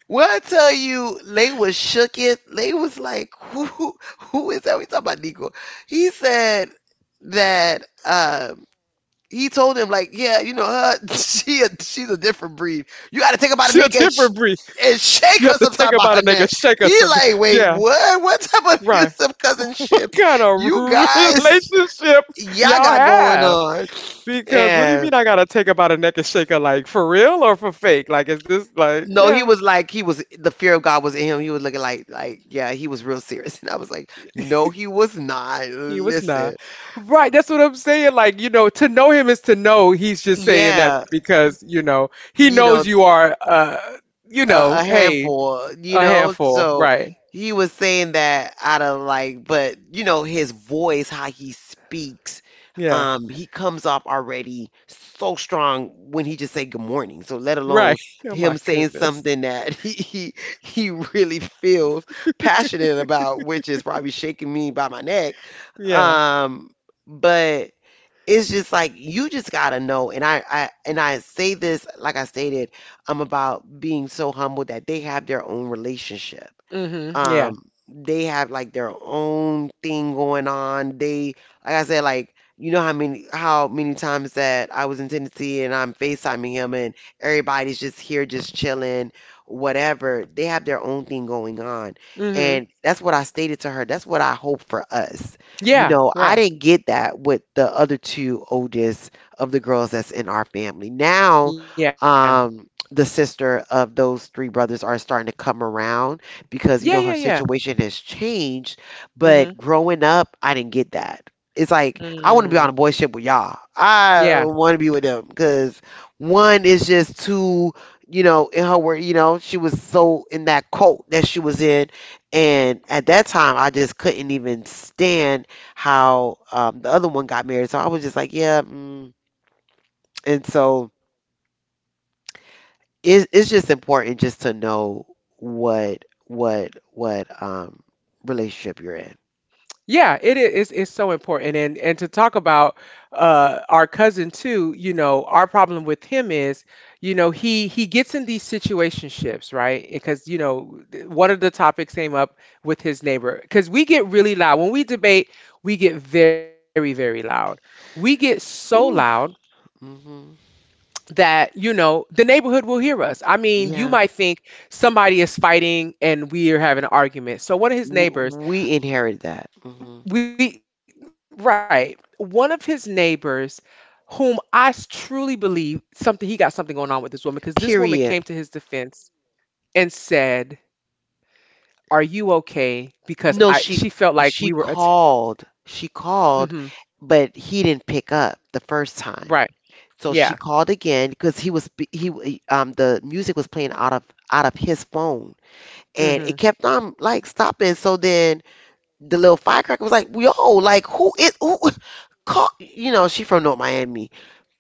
A: Well, I tell you, Lay was shook it. Lay was like, who is that? We talking about Nico. He said that he told him like, yeah, you know, her, she's a different breed. You got
B: She
A: to
B: a
A: take her by the
B: different
A: neck and,
B: breed.
A: and
B: You have to
A: shake her
B: take her by the
A: sometime by
B: nigga,
A: her
B: shake
A: neck.
B: her something.
A: He like,
B: Yeah,
A: wait, what? What type of
B: right.
A: abusive
B: What kind
A: cousinship?
B: of
A: You guys,
B: relationship y'all
A: y'all got going
B: have?
A: on.
B: Because what do you mean I gotta take her by the neck and shake her like for real or for fake? Like is this like
A: No,
B: yeah,
A: he was, the fear of God was in him. He was looking like yeah, he was real serious. And I was like, no, he was not.
B: he was not.
A: Listen,
B: Right, that's what I'm saying. Like, to know him is to know he's just saying that
A: yeah,
B: because, he
A: you
B: knows
A: know
B: you are
A: a
B: hey,
A: handful,
B: a
A: you know?
B: handful,
A: So
B: right.
A: he was saying that out of like, but you know, his voice, how he speaks,
B: Yeah.
A: he comes off already so strong when he just say good morning. So let
B: Right.
A: alone
B: Oh my
A: him saying
B: goodness.
A: something that he really feels passionate about, which is probably shaking me by my neck.
B: Yeah.
A: Um, but it's just like you just gotta know, and I say this like I stated, I'm about being so humble that they have their own relationship.
B: Mm-hmm. Yeah.
A: um, they have like their own thing going on. They, like I said, like you know how many times that I was in Tennessee and I'm FaceTiming him, and everybody's just here just chilling, whatever. They have their own thing going on. And
B: Mm-hmm.
A: that's what I stated to her. That's what I hope for us. You
B: Yeah.
A: know, I
B: Right.
A: didn't get that with the other two oldest of the girls that's in our family. Now,
B: Yeah.
A: the sister of those three brothers are starting to come around
B: Yeah,
A: because
B: yeah,
A: you know her
B: yeah.
A: situation has changed. But
B: Mm-hmm.
A: growing up, I didn't get that. It's like I want to be on a
B: Mm.
A: boy ship with y'all. I
B: Yeah.
A: want to be with them because one is just too, you know, in her work. You know, she was so in that cult that she was in, and at that time, I just couldn't even stand how the other one got married. So I was just like, yeah. Mm. And so it's just important just to know what relationship you're in.
B: Yeah, it is. It's so important, and to talk about our cousin too. Our problem with him is, he gets in these situationships, right? Because one of the topics came up with his neighbor. Because we get really loud when we debate. We get very very loud. We get so loud
A: Ooh. Hmm
B: that you know the neighborhood will hear us. I mean, you
A: Yeah,
B: might think somebody is fighting and we are having an argument. So one of his neighbors.
A: we inherit that. Hmm
B: We right. One of his neighbors, whom I truly believe something he got something going on with this woman because this woman came to his
A: Period.
B: defense and said, "Are you okay?" Because I she
A: No,
B: felt like we were.
A: she called. She
B: Mm-hmm.
A: called, but he didn't pick up the first
B: Right.
A: time.
B: Yeah.
A: So she called again because he was b- he w- the music was playing out of his phone
B: Mm-hmm.
A: and it kept on like stopping. So then the little firecracker was like, "Yo, like who is who?" Call, you know, she from North Miami.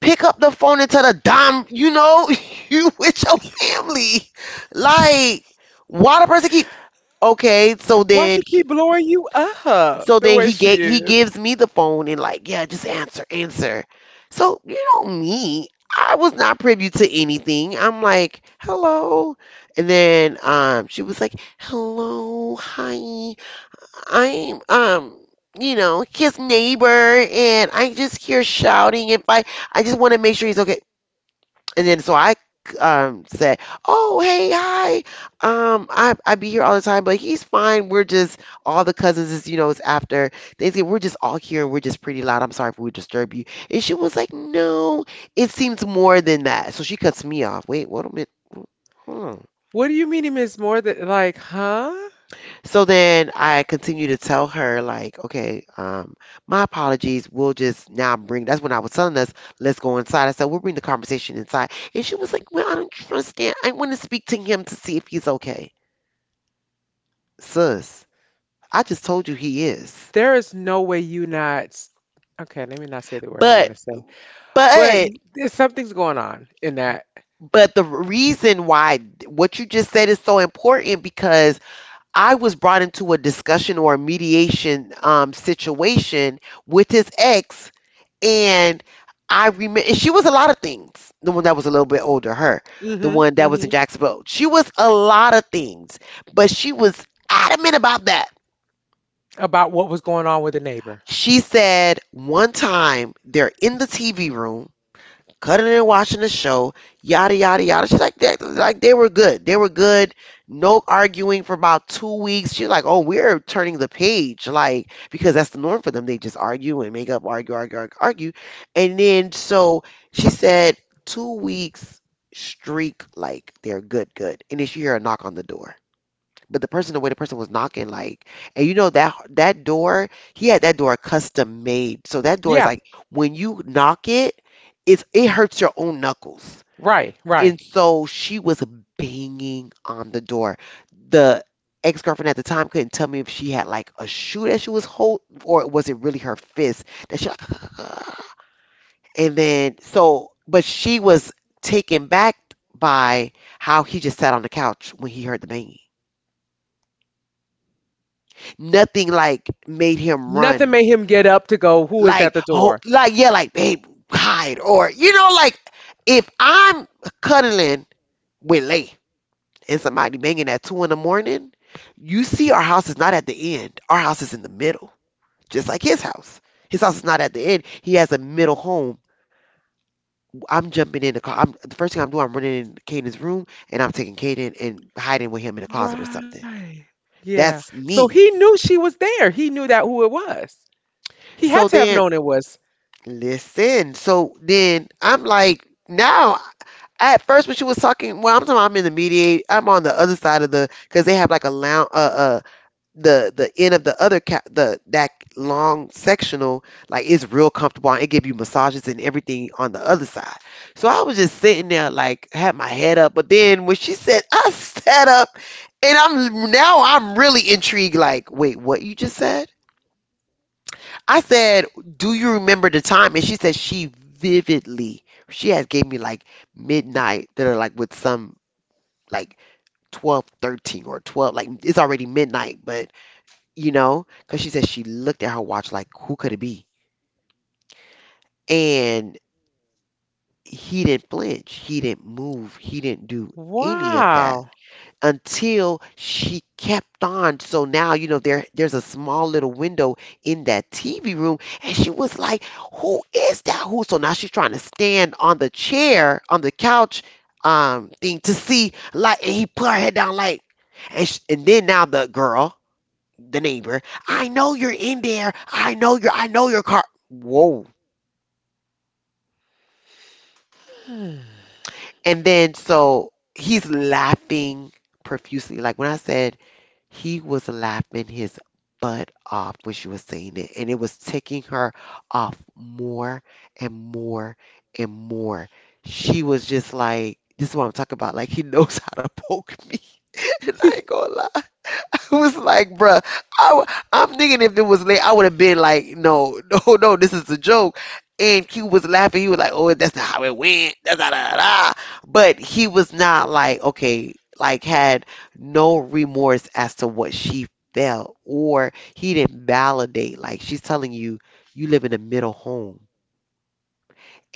A: Pick up the phone and tell the dime, you know, you with your family. Like, why the person keep? Okay,
B: Why she
A: so
B: keep
A: then,
B: blowing you up the way
A: so then
B: she is?
A: he gives me the phone and like, yeah, just answer, answer. So you know me, I was not privy to anything. I'm like, hello, and then she was like, hello, hi. I'm you know his neighbor, and I just hear shouting. If I I just want to make sure he's okay. And then so I said oh hey hi, I be here all the time, but he's fine. We're just all the cousins is, you know, it's after Thanksgiving, we're just all here, and we're just pretty loud. I'm sorry if we disturb you. And she was like no, it seems more than that. So she cuts me off, wait what a minute. Hmm.
B: What do you mean he means more than like, huh?
A: So then I continue to tell her, like, okay, my apologies. We'll just now bring, that's when I was telling us, let's go inside. I said, we'll bring the conversation inside. And she was like, well, I don't understand. I want to speak to him to see if he's okay. Sus, I just told you he is.
B: There is no way you not. Okay, let me not say the word I want
A: But,
B: to say, but
A: but,
B: there's something's going on in that.
A: but the reason why what you just said is so important because I was brought into a discussion or a mediation situation with his ex. And I remember she was a lot of things. The one that was a little bit older, the one that was
B: Mm-hmm.
A: in Jacksonville, she was a lot of things, but she was adamant about that.
B: About what was going on with the neighbor.
A: She said one time they're in the TV room cutting and watching the show, yada yada yada. She's like they were good. They were good. No arguing for about 2 weeks. She's like, oh, we're turning the page, like because that's the norm for them. They just argue and make up, argue, argue, argue, argue, and then so she said, 2 weeks streak, like they're good, good. And then she hear a knock on the door, but the way the person was knocking, like, and you know that that door he had, that door custom made, so that door is
B: Yeah,
A: like when you knock it, it hurts your own knuckles.
B: right, right.
A: And so she was banging on the door. The ex-girlfriend at the time couldn't tell me if she had like a shoe that she was hold or was it really her fist that she like and then so but she was taken back by how he just sat on the couch when he heard the banging. Nothing like made him
B: Nothing
A: run.
B: made him get up to go, who is at
A: Like,
B: the
A: oh,
B: door?
A: like yeah, like babe, hide or like if I'm cuddling with Lay and somebody banging at two in the morning, you see our house is not at the end. Our house is in the middle, just like his house. His house is not at the end. He has a middle home. I'm jumping in the car. The first thing I'm doing, I'm running in Caden's room and I'm taking Caden and hiding with him in the closet or something.
B: Right. Yeah.
A: That's
B: So
A: me.
B: he knew she was there. He knew that who it was. He
A: So
B: had to
A: then
B: have known it was.
A: Listen, so then I'm like, now at first when she was talking, well, I'm talking about I'm on the other side of the because they have like a long, the end of the other ca- the that long sectional, like it's real comfortable and it give you massages and everything on the other side. So I was just sitting there like had my head up, but then when she said I sat up, and I'm now I'm really intrigued. Like, wait, what you just said? I said, "Do you remember the time?" And she said she vividly. She has gave me like midnight that are like with some like 12, 13, or 12, like it's already midnight, but you know, cuz she said she looked at her watch like, who could it be? And he didn't flinch. He didn't move. He didn't do any of that.
B: Wow.
A: Until she kept on. So now, you know, there's a small little window in that TV room, and she was like, "Who is that? Who?" So now she's trying to stand on the chair on the couch thing to see like, and he put her head down like, and then now the girl, the neighbor, I know you're in there. I know your car. Whoa. And then so he's laughing profusely. Like when I said He was laughing his butt off when she was saying it, and it was taking her off more and more and more. She was just like, this is what I'm talking about. Like, he knows how to poke me, and I ain't gonna lie. It was like, bruh, I, w- I'm thinking if it was late, I would have been like, no, no, no, this is a joke. And Q was laughing. He was like, oh, that's not how it went. Da, da, da, da. But he was not like, okay, like had no remorse as to what she felt, or he didn't validate. Like she's telling you, you live in a middle home.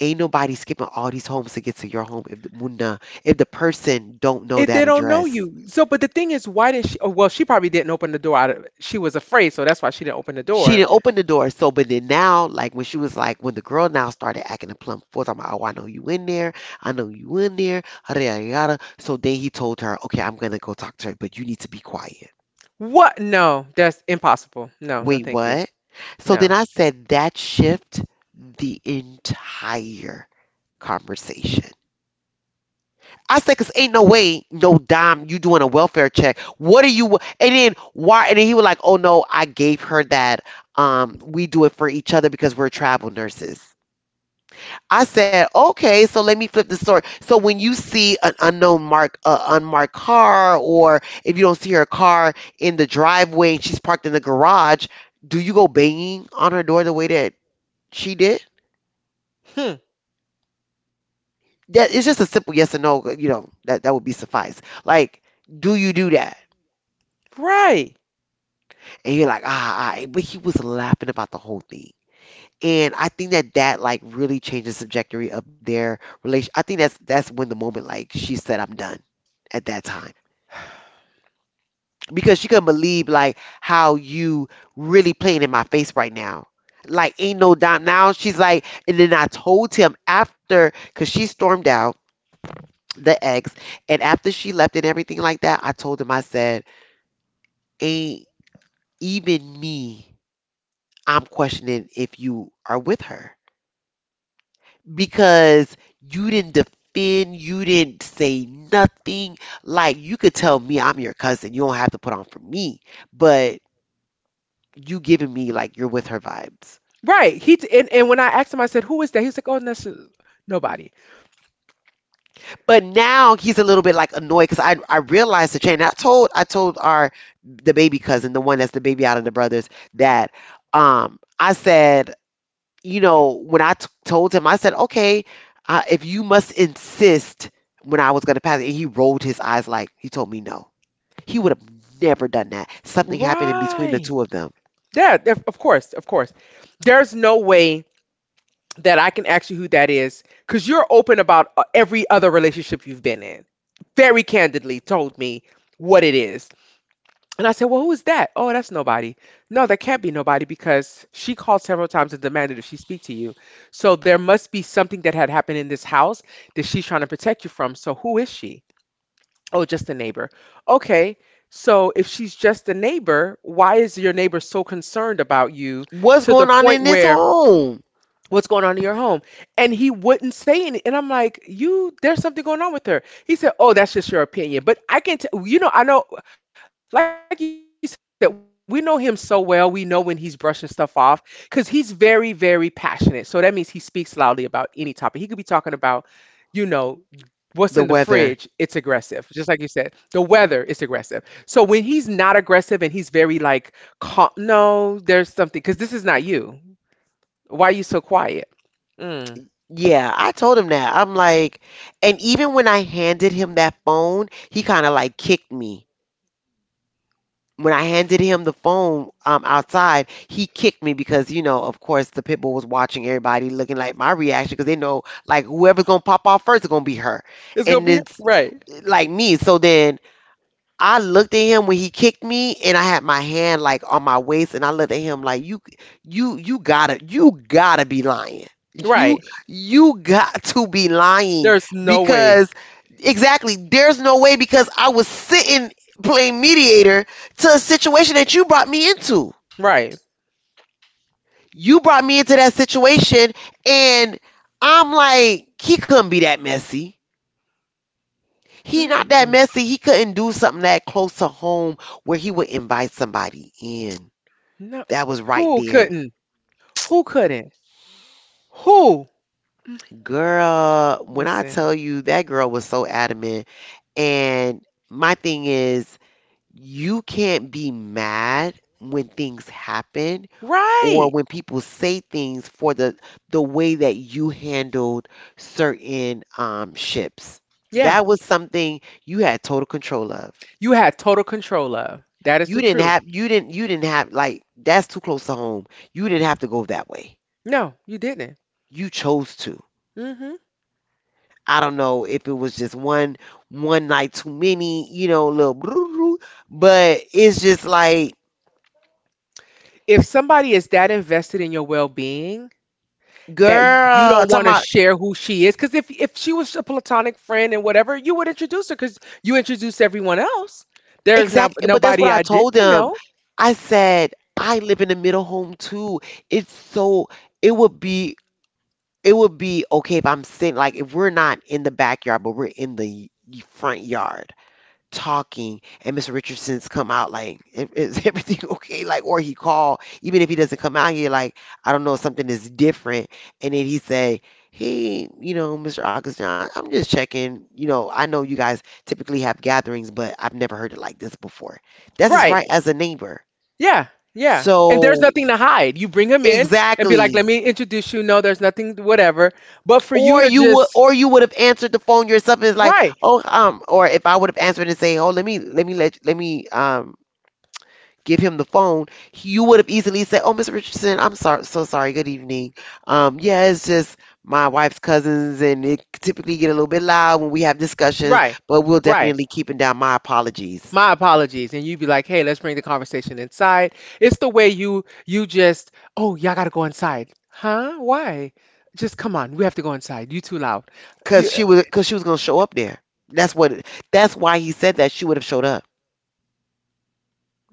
A: Ain't nobody skipping all these homes to get to your home if the person don't know
B: If they
A: that
B: don't know
A: address.
B: you. So, but the thing is, why did she? Oh, well, she probably didn't open the door out of, she was afraid, so that's why she didn't open the
A: She
B: door.
A: didn't open the door. So, but then now, like when she was like, when the girl now started acting a plump fool, I'm like, oh, I know you in there, I know you in there, yada yada yada. So then he told her, okay, I'm gonna go talk to her, but you need to be quiet.
B: What? No, that's impossible. No, no,
A: Wait,
B: thank you.
A: what? So then
B: No.
A: I said that shift the entire conversation. I said, cause ain't no way, no dime, you doing a welfare check. What are you? And then why? And then he was like, oh no, I gave her that. We do it for each other because we're travel nurses. I said, okay, so let me flip the story. So when you see an unmarked car, or if you don't see her car in the driveway and she's parked in the garage, do you go banging on her door the way that she did?
B: Hmm.
A: That it's just a simple yes or no. You know that that would be suffice. Like, do you do that?
B: Right.
A: And you're like, ah, ah, ah, but he was laughing about the whole thing. And I think that that like really changes the trajectory of their relation. I think that's when the moment like she said, I'm done at that time. Because she couldn't believe like how you really playing in my face right now. Like ain't no dime now. She's like, and then I told him after, cause she stormed out, the ex, and after she left and everything like that, I told him, I said, ain't even me. I'm questioning if you are with her because you didn't defend, you didn't say nothing. Like you could tell me I'm your cousin. You don't have to put on for me, but you giving me like you're with her vibes.
B: Right. And when I asked him, I said, "Who is that?" He was like, "Oh, no, that's just nobody."
A: But now he's a little bit like annoyed because I realized the change. And I told our the baby cousin, the one that's the baby out of the brothers, that I said, you know, when I told him, I said, okay, if you must insist when I was gonna pass it, and he rolled his eyes like he told me no. He would have never done that. Something happened in between the
B: Right.
A: two of them.
B: Yeah. Of course. Of course. There's no way that I can ask you who that is because you're open about every other relationship you've been in. Very candidly told me what it is, and I said, "Well, who is that?" "Oh, that's nobody." No, that can't be nobody because she called several times and demanded if she speak to you. So there must be something that had happened in this house that she's trying to protect you from. So who is she? Oh, just a neighbor. Okay. So if she's just a neighbor, why is your neighbor so concerned about you
A: What's
B: to the
A: going on
B: point
A: in this
B: where
A: home?
B: what's going on in your home and he wouldn't say anything. And I'm like, you, there's something going on with her. He said, "Oh, that's just your opinion." But I can tell, I know, like you said, we know him so well. We know when he's brushing stuff off because he's very very passionate. So that means he speaks loudly about any topic he could be talking about. You know what's in the
A: The
B: fridge, it's
A: weather.
B: aggressive, just like you said the weather is aggressive. So when he's not aggressive and he's very like calm, no, there's something because this is not you. Why are you so quiet? Mm.
A: Yeah, I told him that. I'm like, and even when I handed him that phone, he kind of like kicked me. When I handed him the phone, outside, he kicked me because, of course, the pit bull was watching everybody looking like my reaction because they know, like, whoever's going to pop off first is going to be her. And it's
B: It's gonna be
A: like
B: right,
A: me. So then I looked at him when he kicked me and I had my hand like on my waist and I looked at him like, you gotta be lying. You
B: right.
A: you got to be lying
B: There's
A: because
B: no way,
A: exactly there's no way because I was sitting playing mediator to a situation that you brought me into.
B: right?
A: You brought me into that situation and I'm like, he couldn't be that messy. He not that messy.
B: Mm-mm-mm.
A: He couldn't do something that close to home where he would invite somebody in.
B: No,
A: That was right
B: who
A: there.
B: couldn't? Who couldn't? Who?
A: Girl, when I tell
B: Listen,
A: you that girl was so adamant, and my thing is you can't be mad when things happen or
B: right?
A: when people say things for the way that you handled certain ships.
B: Yeah,
A: That was something you had total control of.
B: you had total control of. That is the
A: You didn't
B: truth.
A: have you didn't you didn't have like, that's too close to home. You didn't have to go that way.
B: No, you didn't.
A: You chose to.
B: Hmm.
A: I don't know if it was just one night too many, little broo-roo, but it's just like
B: If somebody is that invested in your well-being that you
A: girl
B: don't
A: talking
B: want to
A: about,
B: share who she is, because if she was a platonic friend and whatever, you would introduce her because you introduced everyone else. There's not
A: exactly, but that's what
B: nobody
A: I
B: I
A: told
B: didn't
A: them.
B: know.
A: I said I live in the middle home too. It's so it would be it would be okay if I'm sitting like, if we're not in the backyard but we're in the front yard talking, and Mr. Richardson's come out like, is everything okay?" Like, or he called even if he doesn't come out here, like, I don't know, something is different. And then he say, "Hey, you know, Mr. Augustine, I'm just checking. You know, I know you guys typically have gatherings, but I've never heard it like this before." That's his
B: Right.
A: right as a neighbor.
B: Yeah, yeah. And there's
A: So
B: nothing to hide. You bring him in and be like,
A: exactly.
B: let me introduce you. No, there's nothing, whatever. But for you
A: Or
B: to
A: you would,
B: just,
A: or you would have answered the phone yourself. And it's like,
B: right,
A: oh, or if I would have answered and say, oh, let me give him the phone. You would have easily said, "Oh, Mr. Richardson, I'm sorry, so sorry. Good evening. Yeah, it's just my wife's cousins, and it typically get a little bit loud when we have
B: right,
A: discussions, but we'll
B: right.
A: definitely keeping down my apologies."
B: My apologies. And you'd be like, hey, let's bring the conversation inside. It's the way you, just, oh, y'all gotta go inside. Huh? Why? Just come on. We have to go inside. You too loud. You,
A: Cause she was gonna show up there. That's what. That's why he said that she would have showed up.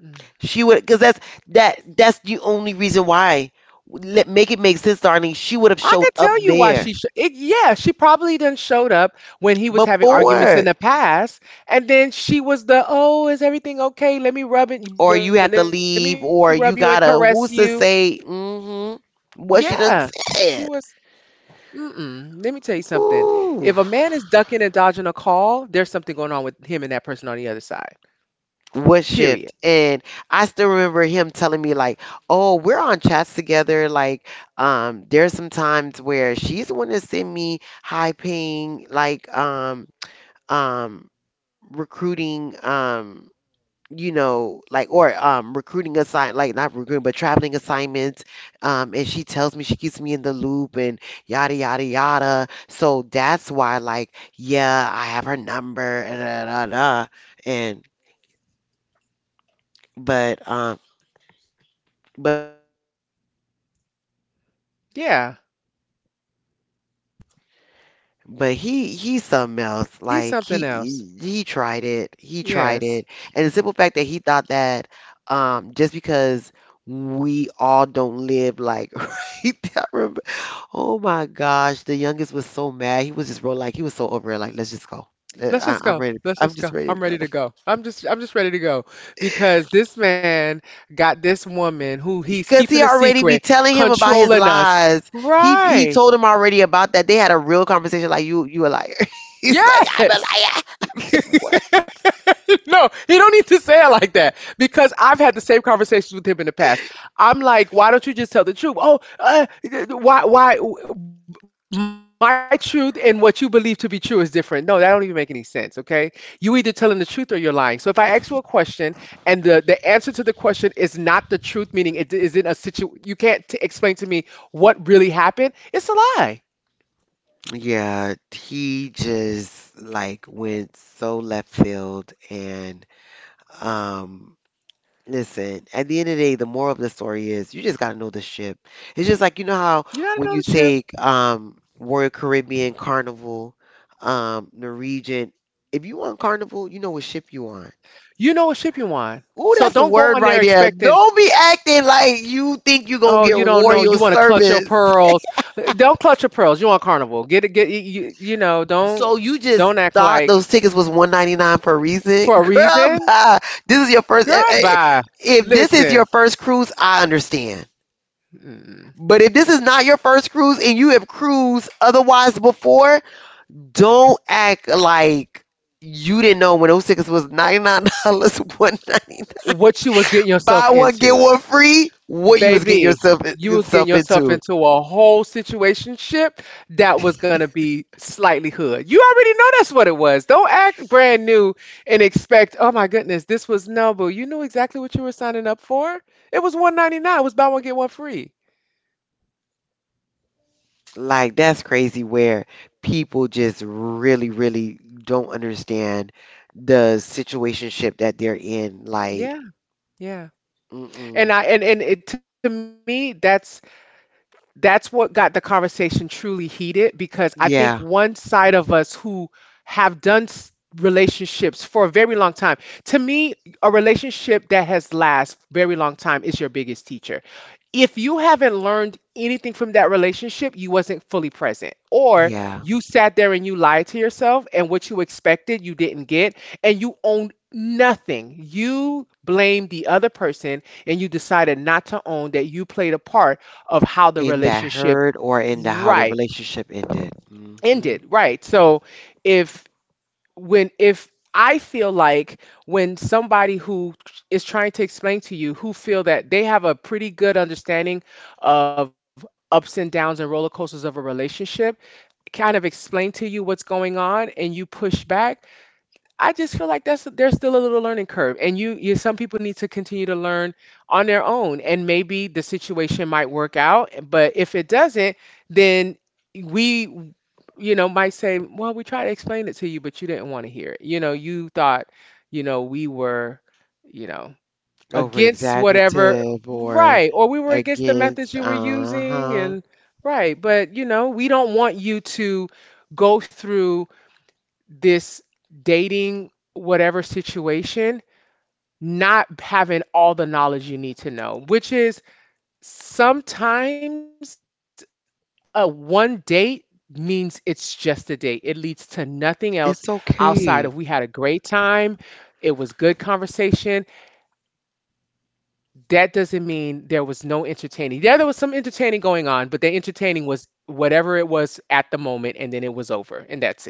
B: mm.
A: Cause that. That's the only reason why. Let make it make sense, darling. She would have
B: I
A: showed
B: could
A: up
B: tell you why
A: there
B: she. It, yeah, she probably done showed up when he was having arguments
A: before.
B: in the past, and then she was the oh, is everything okay? Let me rub it.
A: Or
B: Let me
A: you have
B: rub
A: to
B: you and
A: leave,
B: caress
A: or
B: you.
A: you gotta, who's to say, mm hmm,
B: Yeah,
A: what
B: she
A: she done
B: was.
A: said?
B: Mm-mm. Let me tell you something. If a man is
A: Ooh,
B: ducking and dodging a call, there's something going on with him and that person on the other side.
A: what
B: Period.
A: shift? And I still remember him telling me, like, oh, we're on chats together. Like, there's some times where she's the one to send me high paying, like, um, recruiting, you know, like, or recruiting assign, like, not recruiting but traveling assignments. And she tells me, she keeps me in the loop and yada yada yada. So that's why, like, yeah, I have her number and da, da, da, da. And but.
B: Yeah,
A: But he's something else.
B: he's
A: Like,
B: something
A: he
B: else.
A: he tried it. He tried
B: Yes.
A: it. And the simple fact that he thought that just because we all don't live like right there. Oh my gosh, the youngest was so mad. He was just real, like he was so over it. Like, let's just go.
B: Let's just
A: I'm
B: go.
A: ready.
B: Let's
A: I'm
B: just go.
A: just ready to
B: I'm ready
A: go.
B: to go. I'm just ready to go because this man got this woman who he's
A: Because
B: keeping a
A: he already
B: secret
A: be telling him about his
B: controlling us.
A: lies. He
B: Right.
A: told him already about that. They had a real conversation. Like, you a liar. He's like, I'm a
B: Yes.
A: liar. What?
B: No, he don't need to say it like that because I've had the same conversations with him in the past. I'm like, why don't you just tell the truth? Oh, why, my truth and what you believe to be true is different. No, that don't even make any sense. Okay, you either telling the truth or you're lying. So if I ask you a question and the answer to the question is not the truth, meaning it isn't a situ, you can't explain to me what really happened. It's a lie.
A: Yeah, he just, like, went so left field and um listen, at the end of the day, the moral of the story is you just gotta know the ship. It's just like,
B: You
A: you know
B: gotta know the
A: how
B: ship.
A: when you take Royal Caribbean, Carnival, Norwegian, if you on Carnival, you know what ship you on.
B: You know what ship you want.
A: Ooh,
B: So
A: that's a
B: don't go
A: word
B: on
A: right
B: there
A: there.
B: expecting.
A: Don't be acting like you think you're gonna
B: Oh,
A: get
B: you don't know.
A: royal
B: You want to clutch your
A: service.
B: pearls. Don't clutch your pearls. You on Carnival. Get it. Get you, you. You know. Don't.
A: So you just
B: Don't act
A: thought those
B: like
A: tickets was 1.99 for a reason,
B: for a
A: girl?
B: reason,
A: Bye. This is your first. Eh,
B: girl.
A: eh,
B: Bye.
A: If this is your
B: Listen.
A: first cruise, I understand.
B: mm,
A: But if this is not your first cruise and you have cruised otherwise before, don't act like you didn't know when those tickets was $99 1.99.
B: What you was getting
A: Buy
B: yourself
A: one get
B: into?
A: one free. What you was getting
B: Baby,
A: yourself
B: you was getting
A: yourself
B: yourself
A: into?
B: into a whole situationship that was gonna be slightly hood. You already know that's what it was. Don't act brand new and expect, oh my goodness, this was noble. You knew exactly what you were signing up for. It was 199. It was buy one get one free.
A: Like, that's crazy where people just really, really don't understand the situationship that they're in. Like,
B: Yeah, yeah. And
A: mm-mm.
B: I and it, to me, that's what got the conversation truly heated, because I think one
A: Yeah,
B: side of us who have done relationships for a very long time. To me, a relationship that has last very long time is your biggest teacher. If you haven't learned anything from that relationship, you wasn't fully present. Or
A: yeah.
B: you sat there and you lied to yourself, and what you expected you didn't get, and you owned nothing. You blamed the other person and you decided not to own that you played a part of how the
A: In that
B: relationship,
A: hurt or in the how the
B: right,
A: relationship ended. Mm-hmm.
B: ended, right. So if when if I feel like when somebody who is trying to explain to you, who feel that they have a pretty good understanding of ups and downs and roller coasters of a relationship, kind of explain to you what's going on, and you push back, I just feel like that's there's still a little learning curve, and you, some people need to continue to learn on their own, and maybe the situation might work out, but if it doesn't, then we, you know, might say, well, we tried to explain it to you, but you didn't want to hear it. You know, you thought, you know, we were, you know,
A: Over
B: against whatever,
A: exaggerative or
B: right, or we were against the methods
A: against.
B: you were using,
A: Uh-huh.
B: and right, but you know, we don't want you to go through this dating whatever situation not having all the knowledge you need to know, which is sometimes a one date means it's just a date. It leads to nothing else outside of we
A: It's
B: had a great
A: okay.
B: time. It was good conversation. That doesn't mean there was no entertaining. Yeah, there was some entertaining going on, but the entertaining was whatever it was at the moment, and then it was over, and that's it.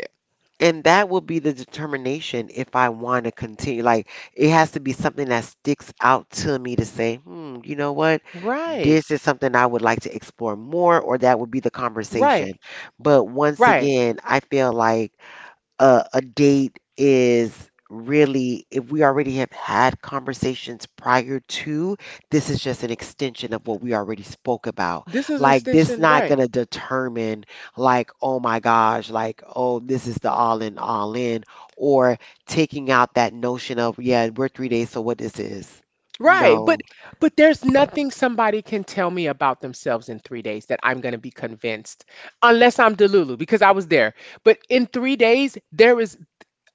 A: And that will be the determination if I want to continue. Like, it has to be something that sticks out to me to say, hmm, you know
B: Right,
A: what? This is something I would like to explore more, or that would be the
B: right,
A: conversation. But
B: right.
A: once again, I feel like a date is really, if we already have had conversations prior to, this is just an extension of what we already spoke about.
B: This is
A: Like, this
B: extension,
A: not
B: right?
A: going to determine, like, oh my gosh, like, oh, this is the all in, or taking out that notion of, yeah, we're 3 days, so what is this?
B: Right,
A: No.
B: but there's nothing somebody can tell me about themselves in 3 days that I'm going to be convinced, unless I'm delulu because I was there. But in 3 days there is,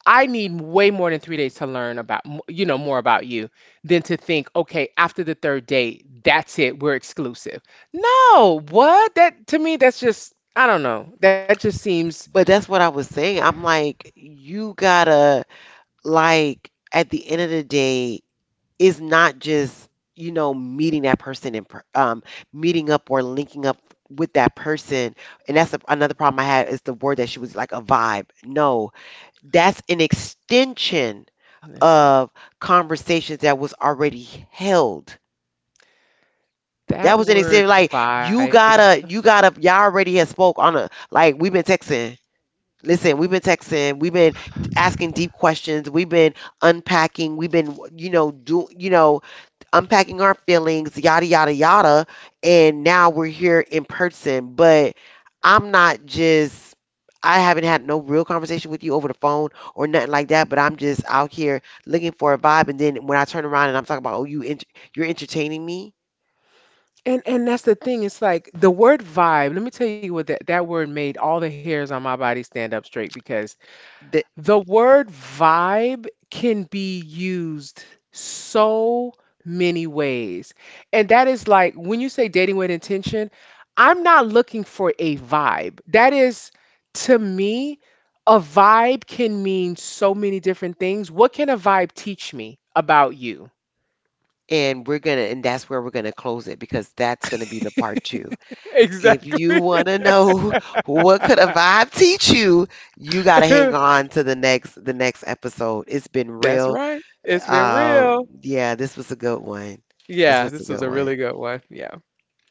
B: I need way more than 3 days to learn about you know more about you than to think, okay, after the third date, that's it, we're exclusive. No, what? That, to me, that's just, I don't know. That just seems,
A: But that's what I was saying. I'm like, you gotta, like, at the end of the day, it's not just, you know, meeting that person and meeting up or linking up with that person. And that's another problem I had is the word that she was, like, a vibe. No, that's an extension
B: listen,
A: of conversations that was already held. That
B: that
A: was an extension.
B: word
A: Like,
B: vibe.
A: y'all already had spoke on a, like, we've been texting. Listen, we've been texting, we've been asking deep questions, we've been unpacking, we've been, you know, unpacking our feelings, yada yada yada, and now we're here in person. But I'm not just I haven't had no real conversation with you over the phone or nothing like that, but I'm just out here looking for a vibe and then when I turn around and I'm talking about, "Oh, you're entertaining me?"
B: And that's the thing. It's like the word vibe. Let me tell you what that word made all the hairs on my body stand up straight, because
A: The,
B: the word vibe can be used so many ways. And that is like when you say dating with intention, I'm not looking for a vibe. That is, to me, a vibe can mean so many different things. What can a vibe teach me about you?
A: and we're gonna and that's where we're gonna close it because that's gonna be the part 2. If you
B: Exactly.
A: want to know what could a vibe teach you, you got to hang on to the next episode. It's been
B: That's
A: real.
B: right. It's been real.
A: Yeah, this was a good one.
B: Yeah,
A: This was
B: this
A: a
B: was a
A: good
B: really
A: one.
B: good one. Yeah.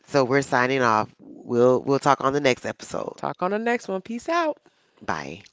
A: So we're signing off. We'll talk on the next episode.
B: Talk on the next one. Peace out.
A: Bye.